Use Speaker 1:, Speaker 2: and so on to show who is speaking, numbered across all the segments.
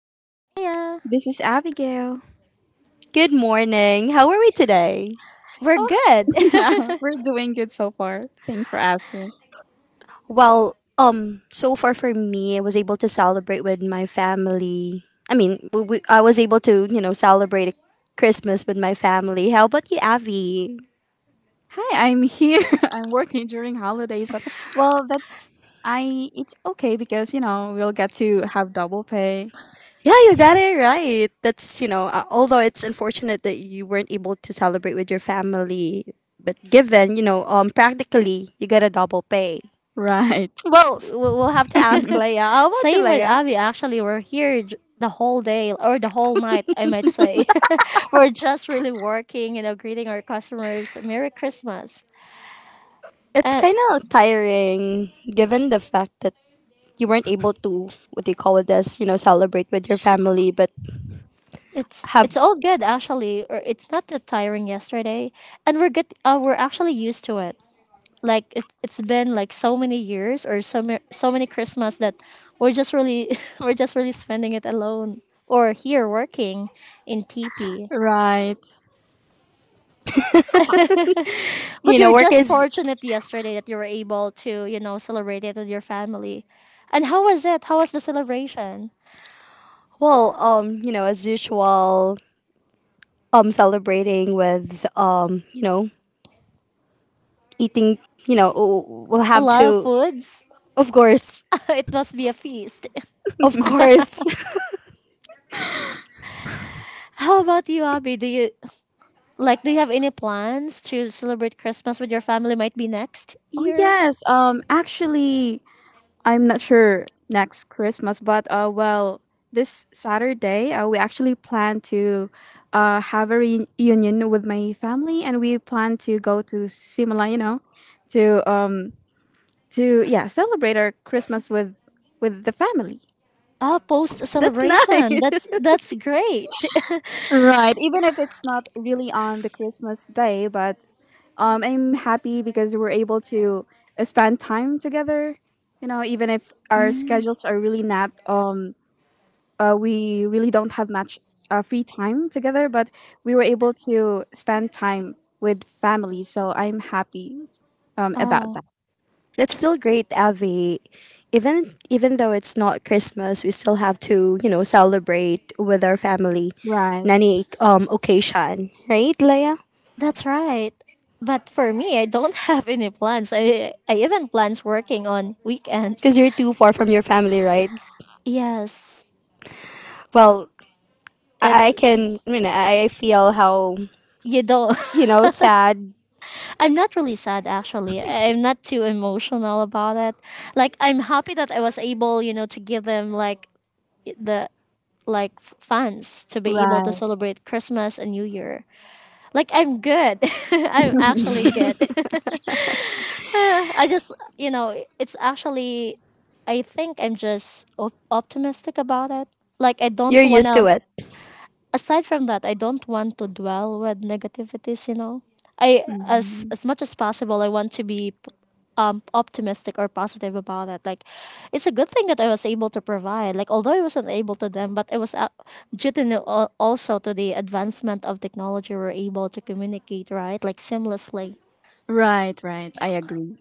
Speaker 1: This is Leia.
Speaker 2: This is Abigail.
Speaker 3: Good morning. How are we today?
Speaker 1: We're
Speaker 2: Oh,
Speaker 1: good.
Speaker 2: yeah, we're doing good so far. Thanks for asking.
Speaker 3: Well, so far for me, I was able to celebrate with my family. I mean, I was able to, you know, celebrate Christmas with my family. How about you, Avi?
Speaker 2: Hi, I'm here. I'm working during holidays, but well, that's I it's okay because, you know, we'll get to have double pay.
Speaker 3: Yeah, you got it right. That's, you know, although it's unfortunate that you weren't able to celebrate with your family, but given, you know, practically, you get a double pay.
Speaker 2: Right.
Speaker 3: Well,
Speaker 1: S-
Speaker 3: we'll have to ask Leia. How about you,
Speaker 1: Same with
Speaker 3: Leia?
Speaker 1: Abby, actually. We're here the whole day or the whole night, I might say. We're just really working, you know, greeting our customers. Merry Christmas.
Speaker 3: It's
Speaker 1: And
Speaker 3: kind of tiring given the fact that you weren't able to, what do you call it, this, you know, celebrate with your family, but have,
Speaker 1: it's all good actually, or it's not that tiring yesterday, and we're good, we're actually used to it. Like it's been like so many years or so, so many Christmas that we're just really we're just really spending it alone or here working in TP.
Speaker 2: Right.
Speaker 3: you
Speaker 1: But
Speaker 3: know,
Speaker 1: you're
Speaker 3: work
Speaker 1: just
Speaker 3: is,
Speaker 1: fortunate yesterday that you were able to, you know, celebrate it with your family. And how was it? How was the celebration?
Speaker 3: well, you know, as usual, celebrating with, you know, eating, you know, we'll
Speaker 1: A
Speaker 3: have
Speaker 1: lot of
Speaker 3: to,
Speaker 1: foods.
Speaker 3: of course,
Speaker 1: It must be a feast.
Speaker 3: of course.
Speaker 1: How about you, Abby? Do you like do you have any plans to celebrate Christmas with your family? Might be next
Speaker 2: Oh
Speaker 1: year?
Speaker 2: yes, actually I'm not sure next Christmas, but well, this Saturday we actually plan to have a reunion with my family, and we plan to go to Simla, you know, to um to celebrate our Christmas with the family.
Speaker 1: Ah, post
Speaker 3: That's
Speaker 1: celebration.
Speaker 3: nice.
Speaker 1: That's great.
Speaker 2: Right, even if it's not really on the Christmas day, but I'm happy because we're able to spend time together. You know, even if our
Speaker 1: Mm.
Speaker 2: schedules are really not, we really don't have much free time together, but we were able to spend time with family. So I'm happy about
Speaker 1: Oh,
Speaker 2: that.
Speaker 3: That's still great, Avi. Even though it's not Christmas, we still have to, you know, celebrate with our family.
Speaker 2: Right,
Speaker 3: Nani occasion, right, Leia?
Speaker 1: that's right. But for me, I don't have any plans. I even plans working on weekends.
Speaker 3: Because you're too far from your family, right?
Speaker 1: Yes.
Speaker 3: Well, I,
Speaker 1: It's
Speaker 3: I can, I mean, I feel how,
Speaker 1: you don't
Speaker 3: you know, sad.
Speaker 1: I'm not really sad actually. I'm not too emotional about it. Like I'm happy that I was able, you know, to give them like the like funds to be able to
Speaker 2: right.
Speaker 1: celebrate Christmas and New Year. Like I'm good. I'm actually good. I just, you know, it's actually, I think I'm just optimistic about it. Like, I
Speaker 3: You're
Speaker 1: don't want
Speaker 3: used
Speaker 1: to,
Speaker 3: to it.
Speaker 1: aside from that, I don't want to dwell with negativities, you know. I,
Speaker 2: Mhm.
Speaker 1: as much as possible, I want to be optimistic or positive about it. Like, it's a good thing that I was able to provide. Like, although I wasn't able to them, but it was due to also to the advancement of technology, we're able to communicate, right? Like, seamlessly.
Speaker 2: Right, right. I agree.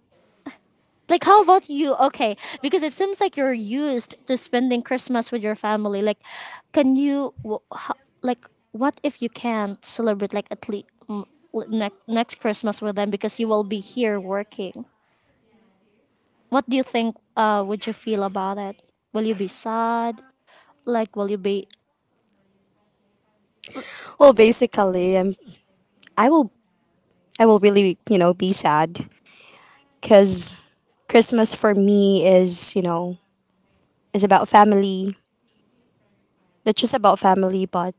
Speaker 1: Like, how about you? Okay, because it seems like you're used to spending Christmas with your family. Like, can you, like, what if you can't celebrate, like, at least next Christmas with them because you will be here working? What do you think would you feel about it? Will you be sad? Like, will you be.
Speaker 3: Well, basically, I will, I will really, you know, be sad because Christmas for me is, you know, is about family. Not just about family, but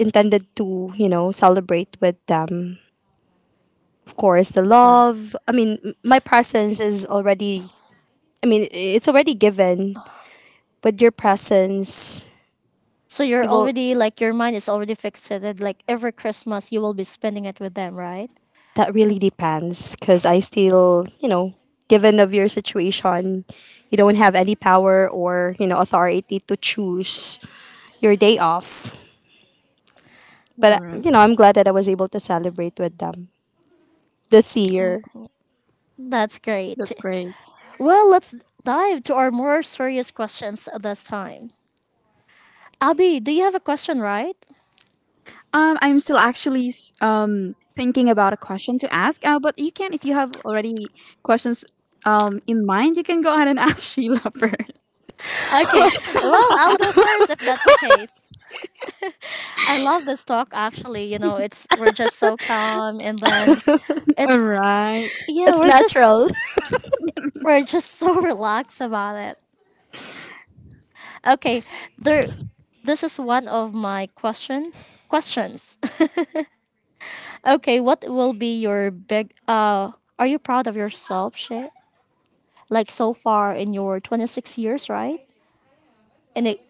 Speaker 3: intended to, you know, celebrate with them. Of course, the love. I mean, my presence is already, I mean, it's already given. With your presence,
Speaker 1: So you're
Speaker 3: you will,
Speaker 1: already, like, your mind is already fixated. Like, every Christmas you will be spending it with them, right?
Speaker 3: that really depends because I still, you know, given of your situation, you don't have any power or, you know, authority to choose your day off. But,
Speaker 2: Alright.
Speaker 3: you know, I'm glad that I was able to celebrate with them this year.
Speaker 1: That's great.
Speaker 2: That's great.
Speaker 1: Well, let's dive to our more serious questions this time. Abby, do you have a question, right?
Speaker 2: I'm still actually thinking about a question to ask. But you can, if you have already questions in mind, you can go ahead and ask Sheila first.
Speaker 1: Okay. Well, I'll go first if that's the case. I love this talk actually, you know, it's we're just so calm and then
Speaker 2: All
Speaker 1: it's
Speaker 2: right.
Speaker 1: yeah,
Speaker 3: It's natural.
Speaker 1: we're just so relaxed about it. Okay. There this is one of my questions. Okay, what will be your big are you proud of yourself, Shit? Like so far in your 26 years, right? in, e-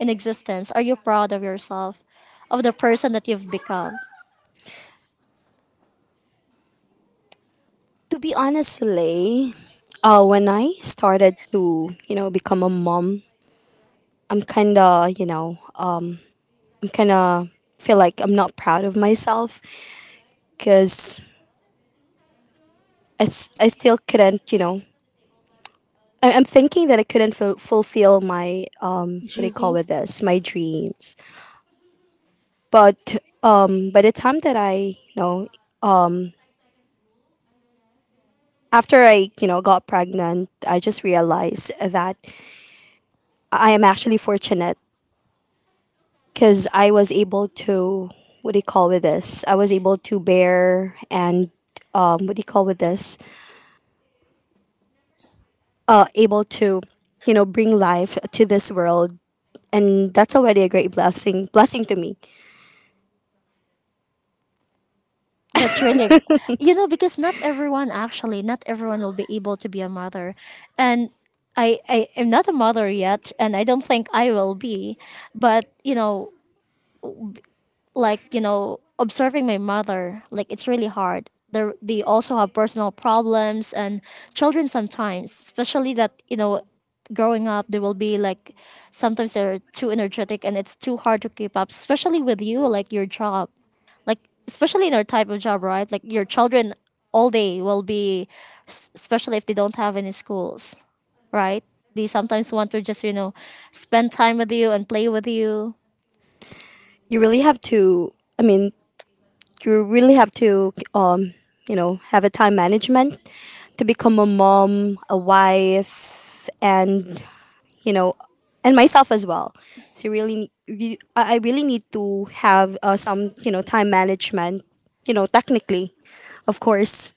Speaker 1: in existence? Are you proud of yourself, of the person that you've become?
Speaker 3: To be honest, Lay, when I started to, you know, become a mom, I'm kind of, you know, I'm kind of feel like I'm not proud of myself because I still couldn't, you know, I'm thinking that I couldn't fulfill my, what do you call
Speaker 1: Judy?
Speaker 3: with this, my dreams. But by the time that I, you know, after I, you know, got pregnant, I just realized that I am actually fortunate because I was able to, what do you call with this? I was able to bear and what do you call with this? Able to, you know, bring life to this world, and that's already a great blessing to me.
Speaker 1: That's really, you know, because not everyone actually, not everyone will be able to be a mother. And I am not a mother yet, and I don't think I will be. But, you know, like you know observing my mother, like it's really hard. They also have personal problems, and children sometimes, especially that you know growing up, they will be like sometimes they're too energetic and it's too hard to keep up, especially with you like your job. Like especially in our type of job, right? Like your children all day will be especially if they don't have any schools, right? They sometimes want to just, you know, spend time with you and play with you.
Speaker 3: You really have to. I mean, you really have to, you know, have a time management to become a mom, a wife, and, you know, and myself as well. So really, I really need to have, some, you know, time management. You know, technically, of course,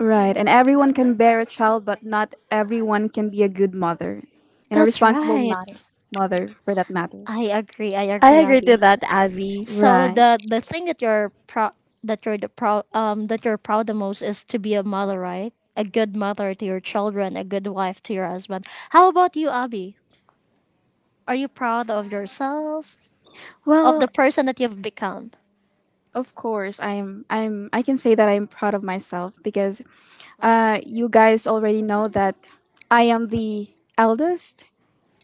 Speaker 2: Right, and everyone can bear a child, but not everyone can be a good mother and a
Speaker 1: That's
Speaker 2: responsible
Speaker 1: right.
Speaker 2: matter, mother for that matter.
Speaker 1: I agree. I
Speaker 3: I
Speaker 1: agree,
Speaker 3: agree to
Speaker 1: Abby.
Speaker 3: that, Avi.
Speaker 1: So
Speaker 2: Right.
Speaker 1: the thing that you're proud, that you're proud the most is to be a mother, right? A good mother to your children, a good wife to your husband. How about you, Abby? Are you proud of yourself, of
Speaker 2: Well,
Speaker 1: the person that you've become?
Speaker 2: of course, I'm. I can say that I'm proud of myself because, you guys already know that I am the eldest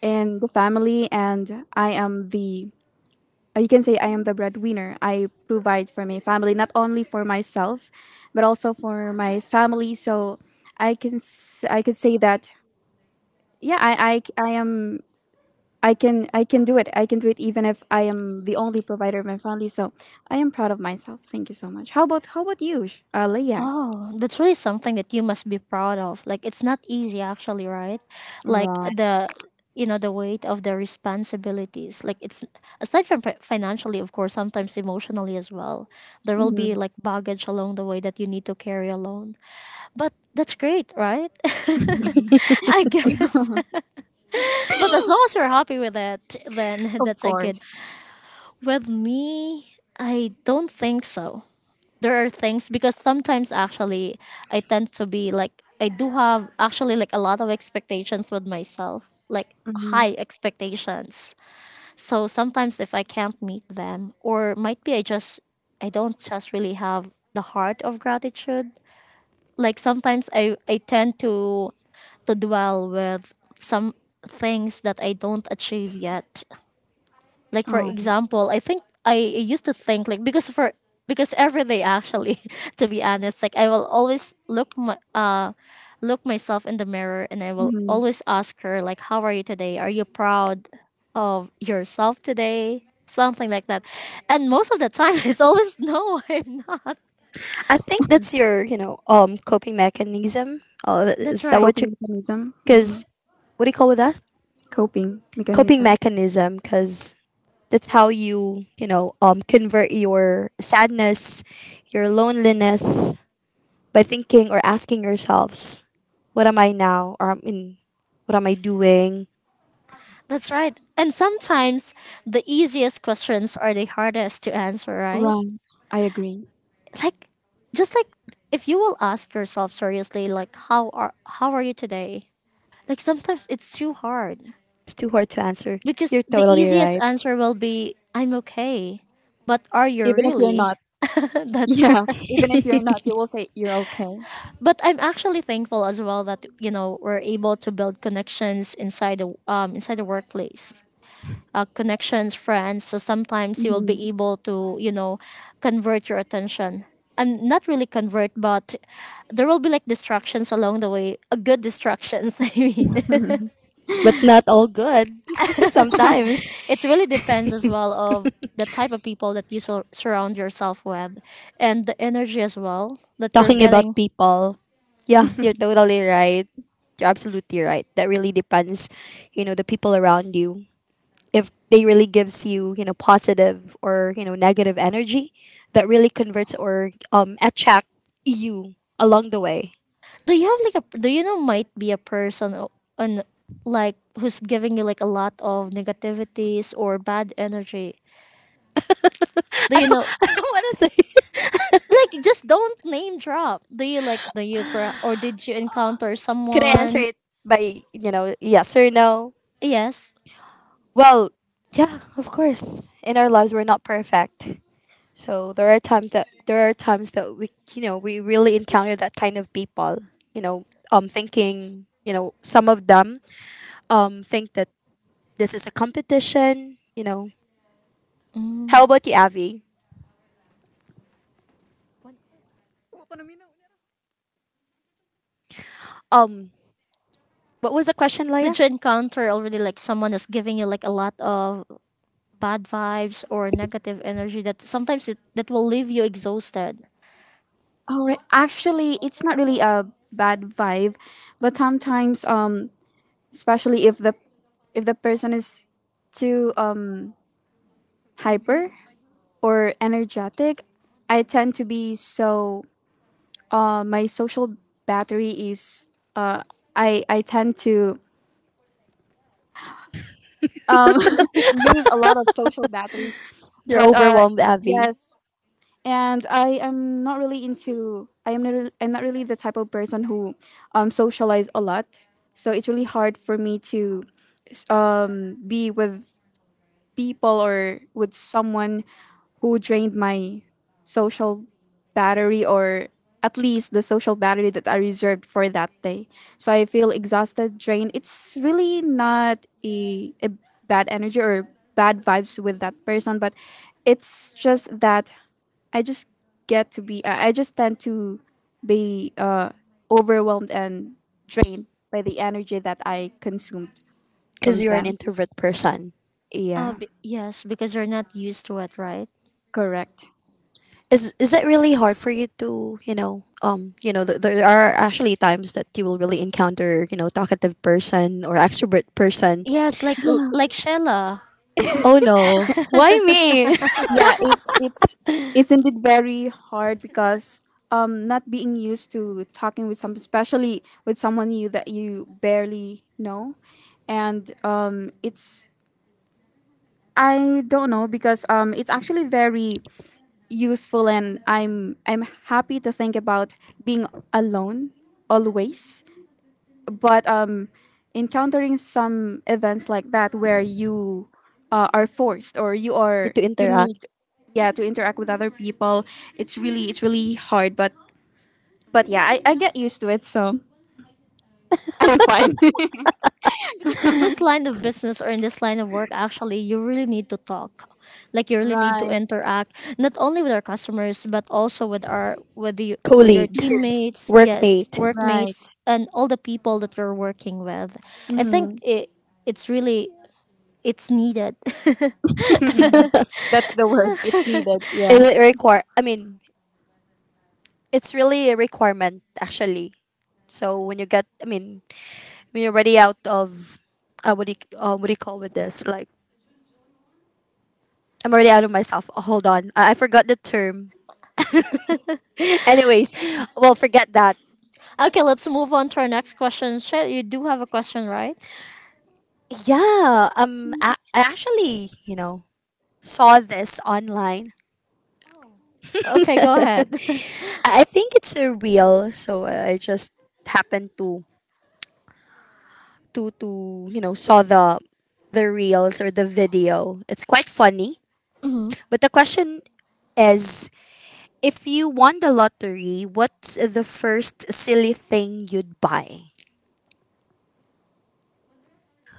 Speaker 2: in the family, and I am the. You can say I am the breadwinner. I provide for my family, not only for myself, but also for my family. So I could say that yeah I am I can do it. I can do it even if I am the only provider of my family. So I am proud of myself. Thank you so much. How about you, Leah?
Speaker 1: Oh, that's really something that you must be proud of. Like it's not easy actually, right? Like
Speaker 2: Right.
Speaker 1: the you know the weight of the responsibilities. Like it's aside from financially, of course, sometimes emotionally as well. There will be
Speaker 2: Hmm.
Speaker 1: like baggage along the way that you need to carry alone. But that's great, right? I guess. But as long as you're happy with it, then
Speaker 2: Of
Speaker 1: that's a good.
Speaker 2: course.
Speaker 1: With me, I don't think so there are things because sometimes actually I tend to be like I do have actually like a lot of expectations with myself, like
Speaker 2: Hmm.
Speaker 1: high expectations. So sometimes if I can't meet them or might be I just I don't just really have the heart of gratitude. Like sometimes I tend to dwell with some things that I don't achieve yet. Like for
Speaker 2: Oh.
Speaker 1: example, I think I used to think like because for because every day actually to be honest, like I will always look my look myself in the mirror, and I will
Speaker 2: Hmm.
Speaker 1: always ask her like how are you today, are you proud of yourself today, something like that. And most of the time it's always no. I'm not.
Speaker 3: I think that's your, you know, coping mechanism.
Speaker 1: That's
Speaker 3: Is that
Speaker 1: right.
Speaker 3: what
Speaker 2: Coping
Speaker 3: you?
Speaker 2: mechanism. Hmm.
Speaker 3: Because what do you call with that?
Speaker 2: Coping
Speaker 3: Coping
Speaker 2: mechanism.
Speaker 3: mechanism. Because that's how you, you know, convert your sadness, your loneliness by thinking or asking yourselves, what am I now? Or I mean, what am I doing?
Speaker 1: That's right. And sometimes the easiest questions are the hardest to answer, right?
Speaker 2: Right, I agree.
Speaker 1: Like just like if you will ask yourself seriously like how are you today? Like sometimes it's too hard
Speaker 3: It's too hard to answer. You're
Speaker 1: because the
Speaker 3: totally
Speaker 1: easiest
Speaker 3: right.
Speaker 1: answer will be I'm okay, but are you
Speaker 2: Even if you're
Speaker 1: really?
Speaker 2: not.
Speaker 1: That's
Speaker 2: Yeah,
Speaker 1: where
Speaker 2: even if you're not, you will say you're okay.
Speaker 1: but I'm actually thankful as well that, you know, we're able to build connections inside the workplace, connections, friends. So sometimes you will be
Speaker 2: Mhm.
Speaker 1: able to, you know, convert your attention. And not really convert, but there will be like distractions along the way. A good distractions, I mean.
Speaker 3: But not all good. Sometimes
Speaker 1: It really depends as well of the type of people that you surround yourself with, and the energy as well that you're
Speaker 3: talking about
Speaker 1: getting.
Speaker 3: people. Yeah, you're totally right. You're absolutely right. That really depends, you know, the people around you. If they really gives you, you know, positive or, you know, negative energy, that really converts or, attract you along the way.
Speaker 1: Do you have like a do you know might be a person o- on like who's giving you like a lot of negativities or bad energy? Do you know?
Speaker 3: what is it?
Speaker 1: Like just don't name drop. Do you like do you or did you encounter
Speaker 3: Could I answer
Speaker 1: someone?
Speaker 3: it by, you know, yes or no?
Speaker 1: Yes.
Speaker 3: Well, yeah, of course. In our lives, we're not perfect. So there are times that we, you know, we really encounter that kind of people. You know, thinking, you know, some of them, think that this is a competition. You know,
Speaker 1: Mm.
Speaker 3: how about you, Avi? Um, what was the question, Leia?
Speaker 1: Did you encounter already like someone is giving you like a lot of bad vibes or negative energy that sometimes it, that will leave you exhausted?
Speaker 2: All right, actually it's not really a bad vibe, but sometimes especially if the person is too hyper or energetic, I tend to be so my social battery is uh I tend to lose a lot of social batteries,
Speaker 3: You're
Speaker 2: but
Speaker 3: overwhelmed, Avi,
Speaker 2: yes, and I am not really into I'm not really the type of person who socialize a lot, so it's really hard for me to be with people or with someone who drained my social battery, or at least the social battery that I reserved for that day. So I feel exhausted, drained. It's really not a bad energy or bad vibes with that person, but it's just that I just get to be, I just tend to be overwhelmed and drained by the energy that I consumed
Speaker 3: because
Speaker 2: from
Speaker 3: you're an
Speaker 2: them.
Speaker 3: introvert person.
Speaker 2: Yeah,
Speaker 1: Yes, because you're not used to it, right?
Speaker 2: correct.
Speaker 3: Is it really hard for you to, you know, you know, there are actually times that you will really encounter, you know, talkative person or extrovert person?
Speaker 1: Yes, like Shella.
Speaker 3: Oh no, why me?
Speaker 2: Yeah, it's indeed very hard because not being used to talking with someone, especially with someone you that you barely know. And it's, I don't know because it's actually very useful and I'm happy to think about being alone always. But encountering some events like that where you are forced or
Speaker 3: To
Speaker 2: you
Speaker 3: interact.
Speaker 2: need yeah to interact with other people, it's really, it's really hard, but yeah, I get used to it, so I'm fine.
Speaker 1: Because in this line of business or in this line of work, actually, you really need to talk. Like you really need to
Speaker 2: Right,
Speaker 1: interact not only with our customers but also with our with the with your
Speaker 3: Colleague.
Speaker 1: teammates, yes,
Speaker 3: Workmate.
Speaker 1: workmates,
Speaker 2: right.
Speaker 1: and all the people that you're working with. I think
Speaker 2: Hmm.
Speaker 1: it's really it's needed.
Speaker 2: That's the word, it's needed.
Speaker 3: Is
Speaker 2: Yeah.
Speaker 3: it
Speaker 1: S-
Speaker 3: require, I mean, it's really a requirement actually. So when you get, I mean, when you're already out of, what do you call with this, like, I'm already out of myself. Oh, hold on, I forgot the term. Anyways, well, forget that.
Speaker 1: okay, let's move on to our next question. Shay, you do have a question, right?
Speaker 3: Yeah, I actually, you know, saw this online.
Speaker 1: Okay, go ahead.
Speaker 3: I think it's a reel, so I just happened to you know, saw the reels or the video. It's quite funny,
Speaker 1: Mhm.
Speaker 3: but the question is, if you won the lottery, what's the first silly thing you'd buy?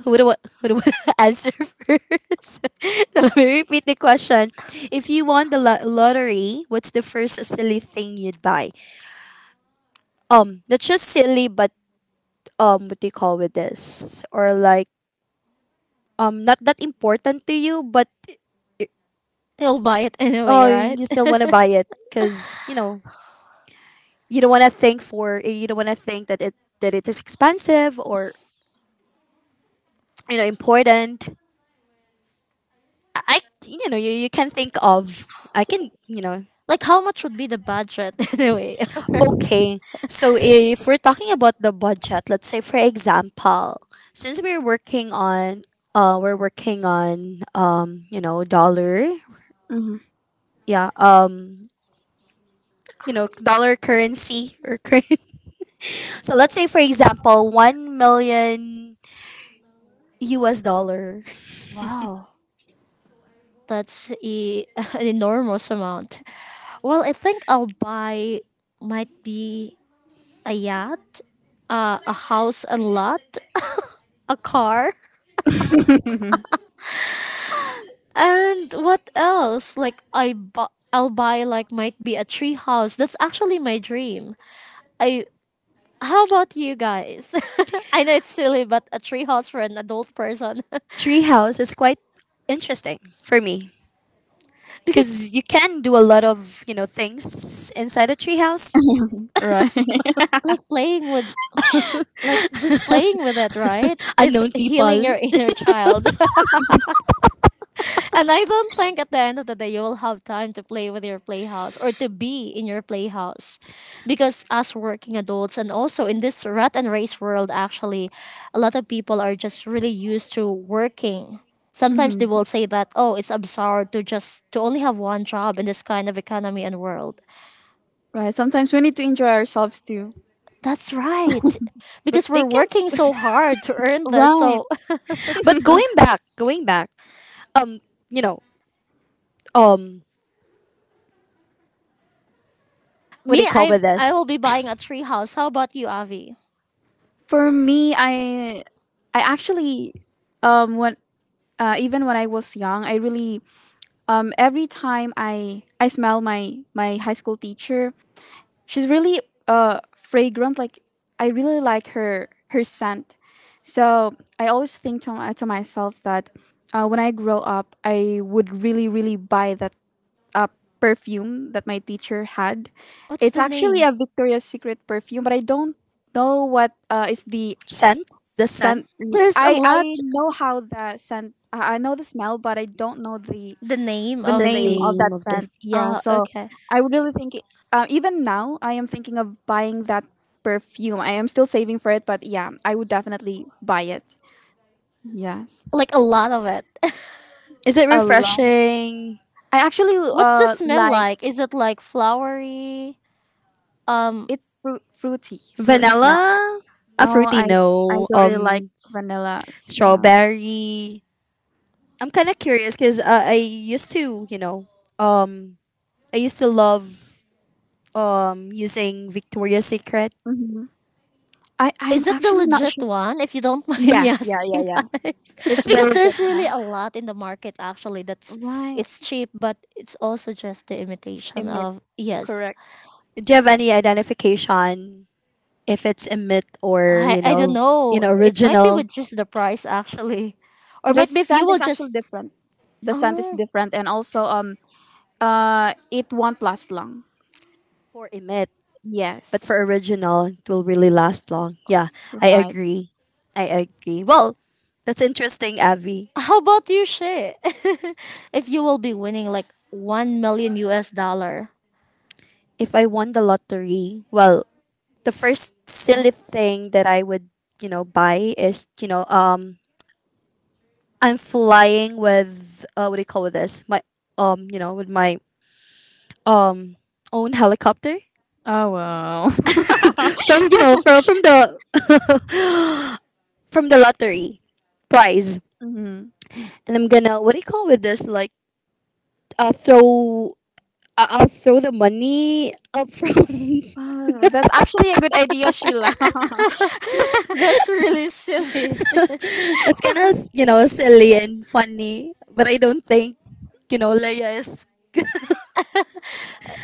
Speaker 3: Who would want to answer first? So let me repeat the question. If you won the lottery, what's the first silly thing you'd buy? Not just silly, but what do you call with this? Or like, not that important to you, but
Speaker 1: You'll buy it anyway,
Speaker 3: oh,
Speaker 1: right?
Speaker 3: you still want to buy it because you know, you don't want to think for you don't want to think that it is expensive or, you know, important. You know, you can think of, I can, you know.
Speaker 1: Like how much would be the budget anyway?
Speaker 3: Okay, so if we're talking about the budget, let's say for example, since we're working on, you know, dollar,
Speaker 2: Hmm.
Speaker 3: yeah, you know, dollar currency or currency. So let's say for example, 1 million US dollar.
Speaker 1: Wow, that's a, an enormous amount. Well, I think I'll buy might be a yacht, a house and lot, a car, and what else? Like I'll buy like might be a tree house. That's actually my dream. I how about you guys? I know it's silly, but a tree house for an adult person.
Speaker 3: Treehouse is quite interesting for me
Speaker 1: Because
Speaker 3: because you can do a lot of, you know, things inside a treehouse,
Speaker 2: Right.
Speaker 1: like playing with like just playing with it, right? It's
Speaker 3: unknown
Speaker 1: healing
Speaker 3: people,
Speaker 1: your inner child. And I don't think at the end of the day you will have time to play with your playhouse or to be in your playhouse. Because as working adults and also in this rat and race world actually, a lot of people are just really used to working. Sometimes they
Speaker 2: Hmm.
Speaker 1: will say that, oh, it's absurd to just to only have one job in this kind of economy and world.
Speaker 2: Right, sometimes we need to enjoy ourselves too.
Speaker 1: That's right.
Speaker 3: but
Speaker 1: Because
Speaker 3: they
Speaker 1: we're
Speaker 3: can,
Speaker 1: working so hard to earn this.
Speaker 2: Right.
Speaker 1: So
Speaker 3: but going back, um you know, um what do
Speaker 1: Me,
Speaker 3: you call
Speaker 1: I
Speaker 3: with
Speaker 1: I
Speaker 3: this,
Speaker 1: will be buying a tree house. How about you, Avi?
Speaker 2: For me, I actually when even when I was young, I really every time I smell my my high school teacher, she's really fragrant. Like I really like her scent. So I always think to to myself that when I grow up, I would really really buy that uh, perfume that my teacher had.
Speaker 1: What's
Speaker 2: It's
Speaker 1: the
Speaker 2: actually
Speaker 1: name?
Speaker 2: a Victoria's Secret perfume, but I don't know what is the
Speaker 3: scent, the scent,
Speaker 2: scent.
Speaker 1: There's a
Speaker 2: I
Speaker 1: lot.
Speaker 2: know how the scent. I know the smell, but I don't know
Speaker 1: The name
Speaker 2: the
Speaker 3: the
Speaker 1: of
Speaker 2: name
Speaker 1: the.
Speaker 2: of
Speaker 3: name
Speaker 2: that
Speaker 3: of the,
Speaker 2: scent. Yeah,
Speaker 1: Ah,
Speaker 2: so
Speaker 1: okay.
Speaker 2: I would really think. Even now, I am thinking of buying that perfume. I am still saving for it, but yeah, I would definitely buy it. Yes,
Speaker 1: Like a lot of it.
Speaker 3: is it
Speaker 2: a lot.
Speaker 3: refreshing,
Speaker 2: I actually
Speaker 1: What's the smell
Speaker 2: like
Speaker 1: like? Is it like flowery, um,
Speaker 2: it's fruity
Speaker 1: fruity?
Speaker 2: smell.
Speaker 3: vanilla, a
Speaker 2: No,
Speaker 3: fruity,
Speaker 2: I
Speaker 3: no,
Speaker 2: don't really like vanilla smell.
Speaker 3: strawberry. I'm kind of curious because, I used to, you know, um I used to love using Victoria's Secret.
Speaker 2: Hmm. I I'm
Speaker 1: Is it the
Speaker 2: actually not
Speaker 1: legit
Speaker 2: sure.
Speaker 1: one? If you don't mind
Speaker 2: Yeah,
Speaker 1: me
Speaker 2: yeah, yeah,
Speaker 1: asking,
Speaker 2: yeah.
Speaker 1: guys,
Speaker 2: It's the
Speaker 1: because there's
Speaker 2: legit
Speaker 1: really
Speaker 2: one.
Speaker 1: a lot in the market actually. That's
Speaker 2: Right.
Speaker 1: it's cheap, but it's also just the imitation
Speaker 2: Emit,
Speaker 1: of yes.
Speaker 2: correct.
Speaker 3: Do you have any identification if it's emit or,
Speaker 1: I
Speaker 3: you
Speaker 1: I don't
Speaker 3: know,
Speaker 1: know. It might be
Speaker 3: original,
Speaker 1: with just the price actually, or
Speaker 2: The
Speaker 1: might be if you
Speaker 2: scent
Speaker 1: will
Speaker 2: is
Speaker 1: just.
Speaker 2: actually different. The scent is
Speaker 1: Oh,
Speaker 2: different, and also it won't last long.
Speaker 3: for emit. But for
Speaker 2: Yes,
Speaker 3: original, it will really last long. Yeah, I
Speaker 2: right.
Speaker 3: agree. I agree. Well, that's interesting, Avi.
Speaker 1: how about you, Shay? If you will be winning like 1 million US dollar,
Speaker 3: If I won the lottery, well, the first silly thing that I would, you know, buy is, you know, I'm flying with, what do you call this? My, you know, with my um own helicopter
Speaker 2: Oh wow.
Speaker 3: from, you know, from the from the lottery prize,
Speaker 2: Mm-hmm.
Speaker 3: and I'm gonna, what do you call with this? Like, throw, I'll throw the money up front.
Speaker 2: Oh, that's actually a good idea, Sheila.
Speaker 1: that's really silly.
Speaker 3: it's kind of, you know, silly and funny, but I don't think, you know, Leia is.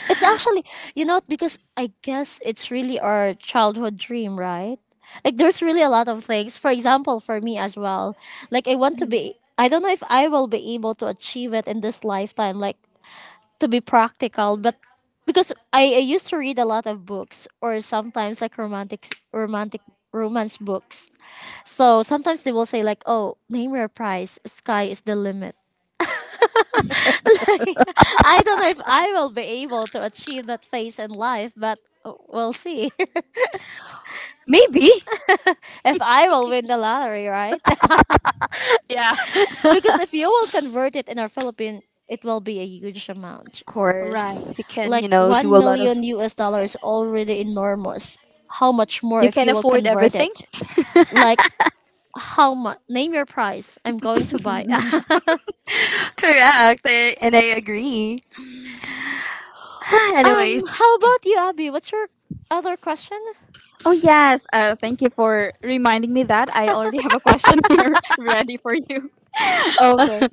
Speaker 1: It's actually you know because I guess it's really our childhood dream, right? Like there's really a lot of things. For example, for me as well, like I want to
Speaker 2: Mhm.
Speaker 1: be. I don't know if I will be able to achieve it in this lifetime. Like to be practical, but because I used to read a lot of books or sometimes like romantic romance books. So sometimes they will say like, "Oh, name your price. Sky is the limit." I don't know if I will be able to achieve that phase in life, but we'll see.
Speaker 3: Maybe.
Speaker 1: If I will win the lottery, right?
Speaker 3: yeah.
Speaker 1: Because if you will convert it in our Philippine, it will be a huge amount.
Speaker 3: Of course. You
Speaker 2: Right.
Speaker 3: can, you
Speaker 1: Like
Speaker 3: know, do
Speaker 1: 1
Speaker 3: a lot of.
Speaker 1: million US dollars already enormous. How much more
Speaker 3: You
Speaker 1: if
Speaker 3: can
Speaker 1: you will
Speaker 3: afford
Speaker 1: convert
Speaker 3: everything.
Speaker 1: it? Like, how much? Name your price. I'm going to buy.
Speaker 3: Correct. And I agree. Anyways,
Speaker 1: How about you, Abby? What's your other question?
Speaker 2: Oh yes. Thank you for reminding me that. I already have a question here ready for you. Okay.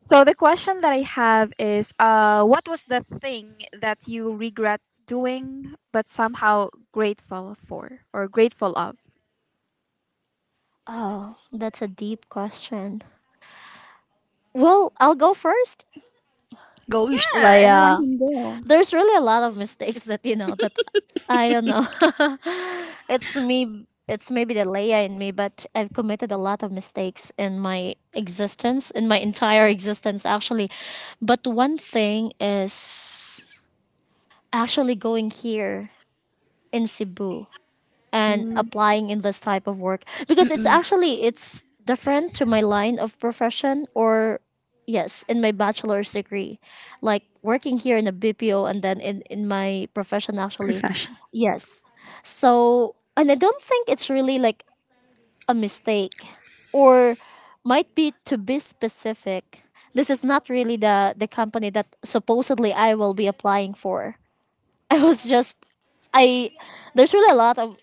Speaker 2: So the question that I have is, what was the thing that you regret doing but somehow grateful for or grateful of?
Speaker 1: Oh, that's a deep question. Well, I'll go first.
Speaker 3: gosh,
Speaker 2: Yeah, anyone
Speaker 3: Leia.
Speaker 2: can do.
Speaker 1: There's really a lot of mistakes that you know that I don't know. It's me. It's maybe the Leia in me, but I've committed a lot of mistakes in my existence, in my entire existence, actually. But one thing is actually going here in Cebu, and applying in this type of work because it's
Speaker 3: Mm-mm.
Speaker 1: actually it's different to my line of profession. Or yes, in my bachelor's degree, like working here in a BPO and then in my profession, actually.
Speaker 3: Profession.
Speaker 1: Yes, so and I don't think it's really like a mistake, or might be to be specific, this is not really the company that supposedly I will be applying for. I was just, I, there's really a lot of,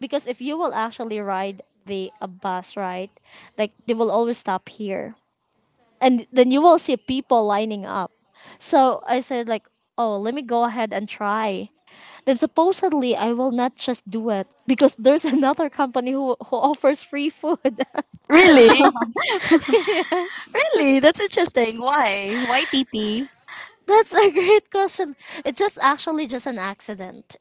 Speaker 1: because if you will actually ride the a bus, right? Like they will always stop here and then you will see people lining up. So I said like, oh, let me go ahead and try. Then supposedly I will not just do it because there's another company who offers free food.
Speaker 3: Really?
Speaker 1: Yes.
Speaker 3: Really? That's interesting. Why? Why TP?
Speaker 1: That's a great question. It's just actually just an accident.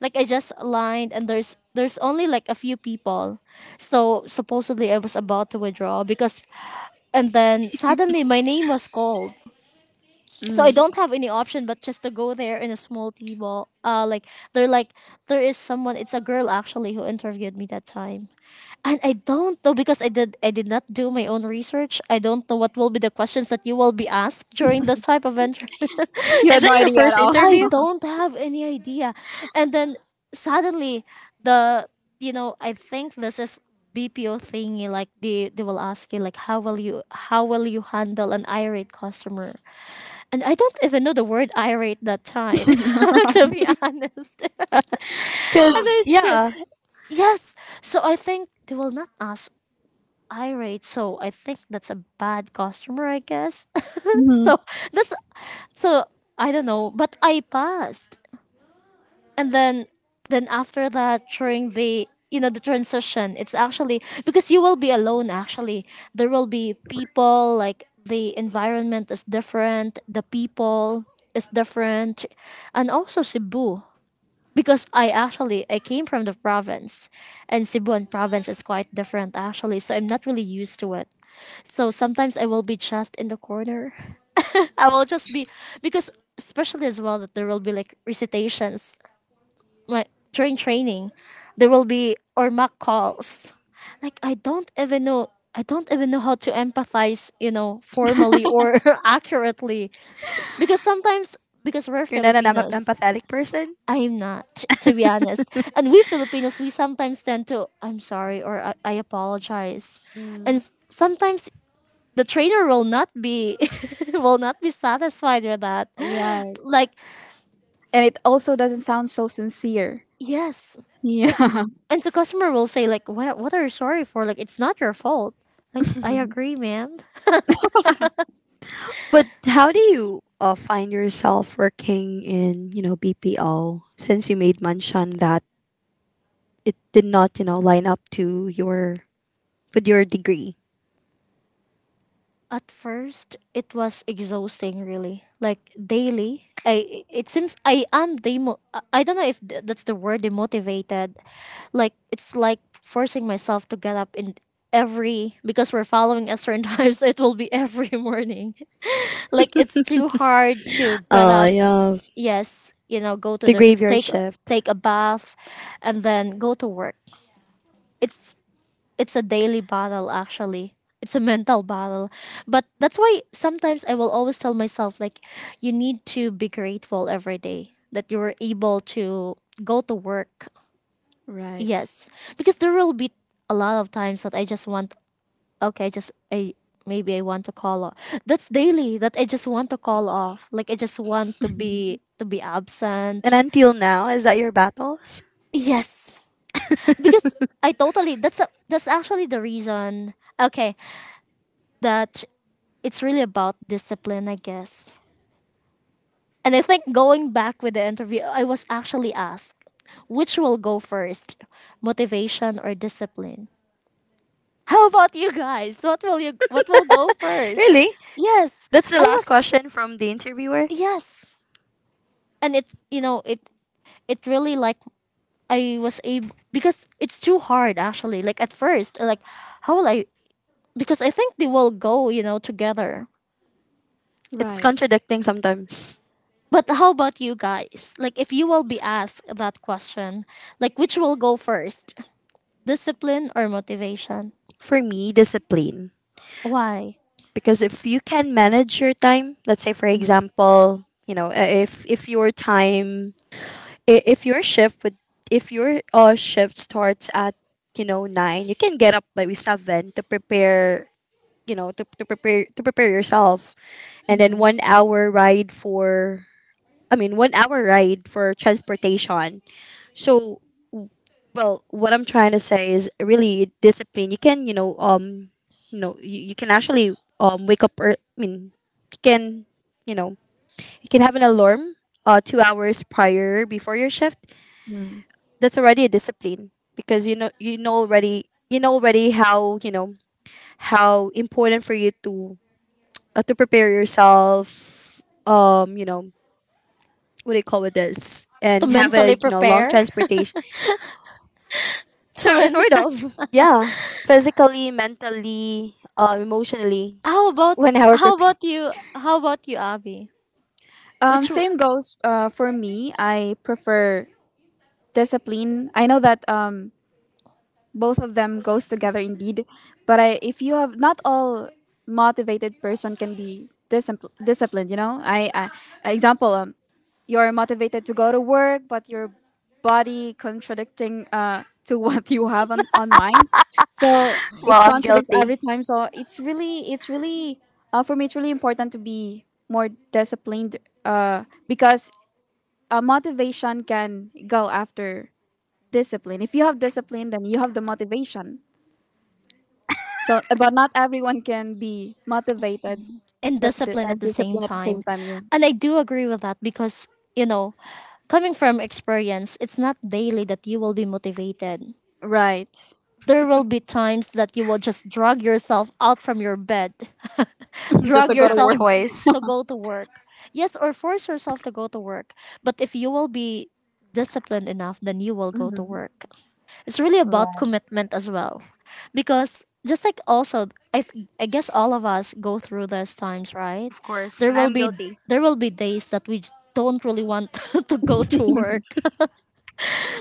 Speaker 1: Like I just lined and there's only like a few people. So supposedly I was about to withdraw because, and then suddenly my name was called. So I
Speaker 2: Mm-mm.
Speaker 1: don't have any option but just to go there in a small tea ball. Like they're like, there is someone. It's a girl actually who interviewed me that time, and I don't know because I did not do my own research. I don't know what will be the questions that you will be asked during this type of interview.
Speaker 2: You
Speaker 3: Is
Speaker 2: had no
Speaker 3: that your
Speaker 2: idea at
Speaker 3: first
Speaker 2: all.
Speaker 1: I
Speaker 3: interview?
Speaker 1: don't have any idea. And then suddenly the you know, I think this is BPO thingy, like they will ask you like how will you, how will you handle an irate customer? And I don't even know the word irate that time. To be honest. And
Speaker 3: Because,
Speaker 1: I said
Speaker 3: yeah,
Speaker 1: yes. So I think they will not ask irate, so I think that's a bad customer, I guess.
Speaker 2: Mhm.
Speaker 1: So that's, so I don't know, but I passed. And then after that during the you know the transition, it's actually because you will be alone, actually. There will be people, like the environment is different, the people is different, and also Cebu, because I actually, I came from the province, and Cebuan province is quite different actually, so I'm not really used to it. So sometimes I will be just in the corner. I will just be, because especially as well that there will be like recitations, my, during training, there will be or mock calls. Like I don't even know, how to empathize, you know, formally or accurately. Because sometimes, because we're
Speaker 3: you're not an
Speaker 1: Filipinos.
Speaker 3: empathetic person.
Speaker 1: I'm not, to be honest. And we Filipinos, we sometimes tend to, I'm sorry, or I apologize. And
Speaker 2: Mm.
Speaker 1: sometimes the trainer will not be, will not be satisfied with that.
Speaker 2: Right.
Speaker 1: Like,
Speaker 2: And it also doesn't sound so sincere.
Speaker 1: yes. Like,
Speaker 2: Yeah.
Speaker 1: and the customer will say like, what are you sorry for? Like it's not your fault. Like I agree, ma'am.
Speaker 3: But how do you, find yourself working in, you know, BPO, since you made mention that it did not, you know, line up to your with your degree?
Speaker 1: At first it was exhausting, really. Like daily, I, it seems I am demo, I don't know if that's the word, demotivated. Like it's like forcing myself to get up in every, because we're following a certain time, so it will be every morning. Like it's too hard to get up,
Speaker 3: Yeah,
Speaker 1: yes, you know, go to
Speaker 3: the
Speaker 1: the,
Speaker 3: graveyard
Speaker 1: take,
Speaker 3: shift.
Speaker 1: take a bath and then go to work. it's it's a daily battle actually. It's a mental battle. But that's why sometimes I will always tell myself like, you need to be grateful every day that you're able to go to work.
Speaker 2: Right.
Speaker 1: Yes, because there will be a lot of times that I just want, okay, just I, maybe I want to call off. That's daily, that I just want to call off, like I just want to be, to be absent.
Speaker 3: And until now, is that your battles?
Speaker 1: Yes, because I totally, that's a, that's actually the reason. Okay, that, it's really about discipline, I guess. And I think going back with the interview, I was actually asked which will go first, motivation or discipline. How about you guys? What will you, what will go first?
Speaker 3: Really?
Speaker 1: Yes,
Speaker 3: That's the
Speaker 1: I
Speaker 3: last
Speaker 1: was,
Speaker 3: question from the interviewer.
Speaker 1: yes, and it, you know it, it really like, I was able because it's too hard actually. Like at first, like how will I, because I think they will go, you know, together.
Speaker 3: It's
Speaker 2: Right.
Speaker 3: contradicting sometimes.
Speaker 1: But how about you guys? Like, if you will be asked that question, like, which will go first, discipline or motivation?
Speaker 3: For me, discipline.
Speaker 1: Why?
Speaker 3: Because if you can manage your time, let's say for
Speaker 2: Mm,
Speaker 3: example, you know, if your time, i- if your shift would if your shift starts at, you know, nine, you can get up by seven to prepare, you know, to prepare yourself, and then
Speaker 2: mm,
Speaker 3: 1 hour ride for, I mean, 1 hour ride for transportation. So, well, what I'm trying to say is really discipline. You can, you know, you know, you can actually wake up ear I mean, you can, you know, you can have an alarm, 2 hours prior before your shift.
Speaker 2: mm.
Speaker 3: That's already a discipline because you know, you know already how, you know, how important for you to, to prepare yourself, you know, what do you call it, this,
Speaker 1: To
Speaker 3: and have a,
Speaker 1: mentally
Speaker 3: you know, long
Speaker 1: prepare.
Speaker 3: transportation. So,
Speaker 1: To men-,
Speaker 3: sort of, yeah, physically, mentally, emotionally.
Speaker 1: how about,
Speaker 3: when I were
Speaker 1: how about you? How about you, Abby? Which
Speaker 2: Same goes for me. I prefer discipline. I know that both of them goes together indeed, but I, if you have, not all motivated person can be disciplined. You know, I example you're motivated to go to work, but your body contradicting to what you have on mind. So it
Speaker 3: well, I'm
Speaker 2: contradicts
Speaker 3: guilty.
Speaker 2: every time. So it's really, for me, it's really important to be more disciplined because motivation can go after discipline. If you have discipline, then you have the motivation. So, but not everyone can be motivated,
Speaker 1: and
Speaker 2: but the,
Speaker 1: discipline at
Speaker 2: and
Speaker 1: the same
Speaker 2: disciplined at the same
Speaker 1: time,
Speaker 2: time. Yeah.
Speaker 1: and I do agree with that because you know, coming from experience, it's not daily that you will be motivated.
Speaker 2: Right.
Speaker 1: There will be times that you will just drag yourself out from your bed,
Speaker 3: You
Speaker 2: Just
Speaker 1: drag
Speaker 2: to
Speaker 3: don't
Speaker 2: go to
Speaker 3: have a
Speaker 1: yourself
Speaker 2: work.
Speaker 3: choice.
Speaker 1: to go to work. Yes, or force yourself to go to work. But if you will be disciplined enough, then you will go to
Speaker 2: Mhm.
Speaker 1: work. It's really about
Speaker 2: Right.
Speaker 1: commitment as well. Because just like also I, I guess all of us go through those times, right?
Speaker 3: Of course,
Speaker 1: There
Speaker 3: and
Speaker 1: will
Speaker 3: I'm
Speaker 1: be,
Speaker 3: guilty.
Speaker 1: there will be days that we don't really want to go to work.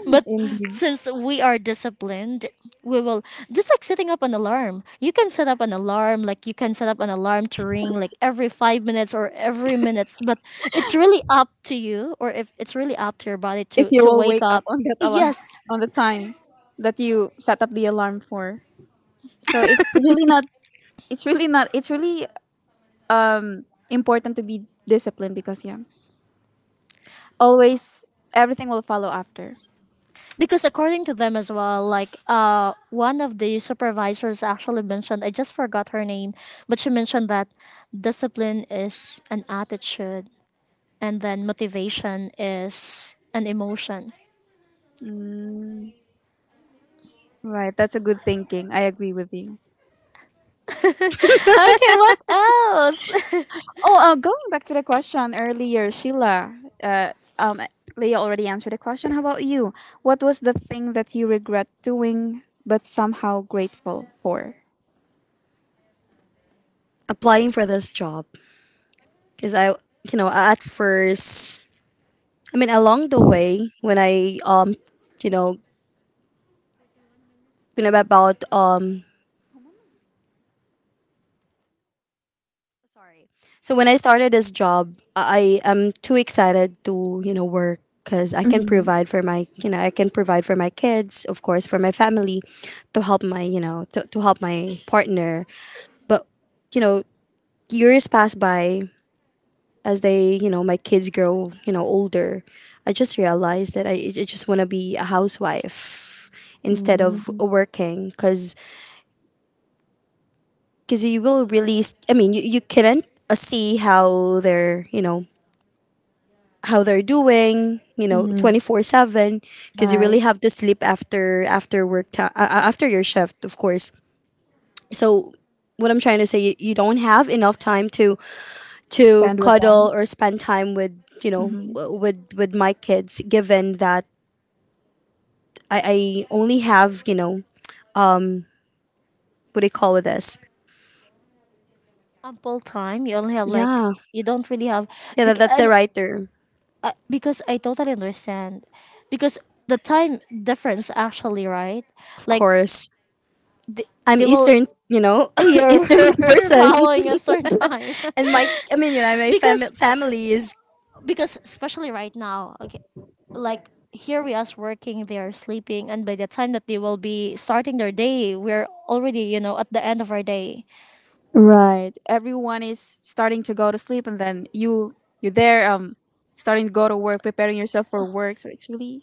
Speaker 1: But
Speaker 2: Indeed.
Speaker 1: since we are disciplined, we will, just like setting up an alarm. You can set up an alarm, like you can set up an alarm to ring like every 5 minutes or every minutes. But it's really up to you, or if it's really up to your body
Speaker 2: If
Speaker 1: to
Speaker 2: you
Speaker 1: to
Speaker 2: will
Speaker 1: wake
Speaker 2: wake up
Speaker 1: up.
Speaker 2: on that alarm,
Speaker 1: Yes,
Speaker 2: on the time that you set up the alarm for. So it's really not, it's really um, important to be disciplined, because yeah. Always everything will follow after.
Speaker 1: because according to them as well, like one of the supervisors actually mentioned. I just forgot her name, but she mentioned that discipline is an attitude, and then motivation is an emotion.
Speaker 2: Right, that's a good thinking. I agree with you.
Speaker 1: Okay, what else?
Speaker 2: Oh, going back to the question earlier, Sheila, uh, um, Leah already answered the question. How about you? What was the thing that you regret doing but somehow grateful for?
Speaker 3: Applying for this job because I, you know, at first, I mean, along the way, when I, you know, when I'm about, sorry. So when I started this job, I am too excited to, you know, work because I can
Speaker 2: Mm-hmm.
Speaker 3: provide for my, you know, I can provide for my kids, of course, for my family, to help my, you know, to help my partner. But you know, years pass by, as they, you know, my kids grow, you know, older. I just realized that I just want to be a housewife instead of working because you will really I mean you couldn't see how they're how they're doing you know 24/7 because you really
Speaker 2: Right.
Speaker 3: have to sleep after work time after your shift, of course. So what I'm trying to say, you don't have enough time to
Speaker 2: Spend with
Speaker 3: cuddle
Speaker 2: them.
Speaker 3: or spend time with you know
Speaker 2: Hmm.
Speaker 3: with my kids, given that I only have you know what do you call this?
Speaker 1: Ample time. You only have like,
Speaker 3: Yeah,
Speaker 1: you don't really have,
Speaker 3: yeah, that, that's
Speaker 1: and
Speaker 3: the right term.
Speaker 1: because I totally understand, because the time difference, actually, right?
Speaker 3: Of
Speaker 1: Like
Speaker 3: course,
Speaker 1: they,
Speaker 3: I'm
Speaker 1: they will,
Speaker 3: Eastern, you know,
Speaker 1: you're
Speaker 3: Eastern person,
Speaker 1: following a certain time.
Speaker 3: and my I mean, you know, my
Speaker 1: because
Speaker 3: family is.
Speaker 1: because especially right now, okay, like here we are working, they are sleeping, and by the time that they will be starting their day, we're already, you know, at the end of our day.
Speaker 2: Right, everyone is starting to go to sleep, and then you you're there starting to go to work, preparing yourself for work. So it's really,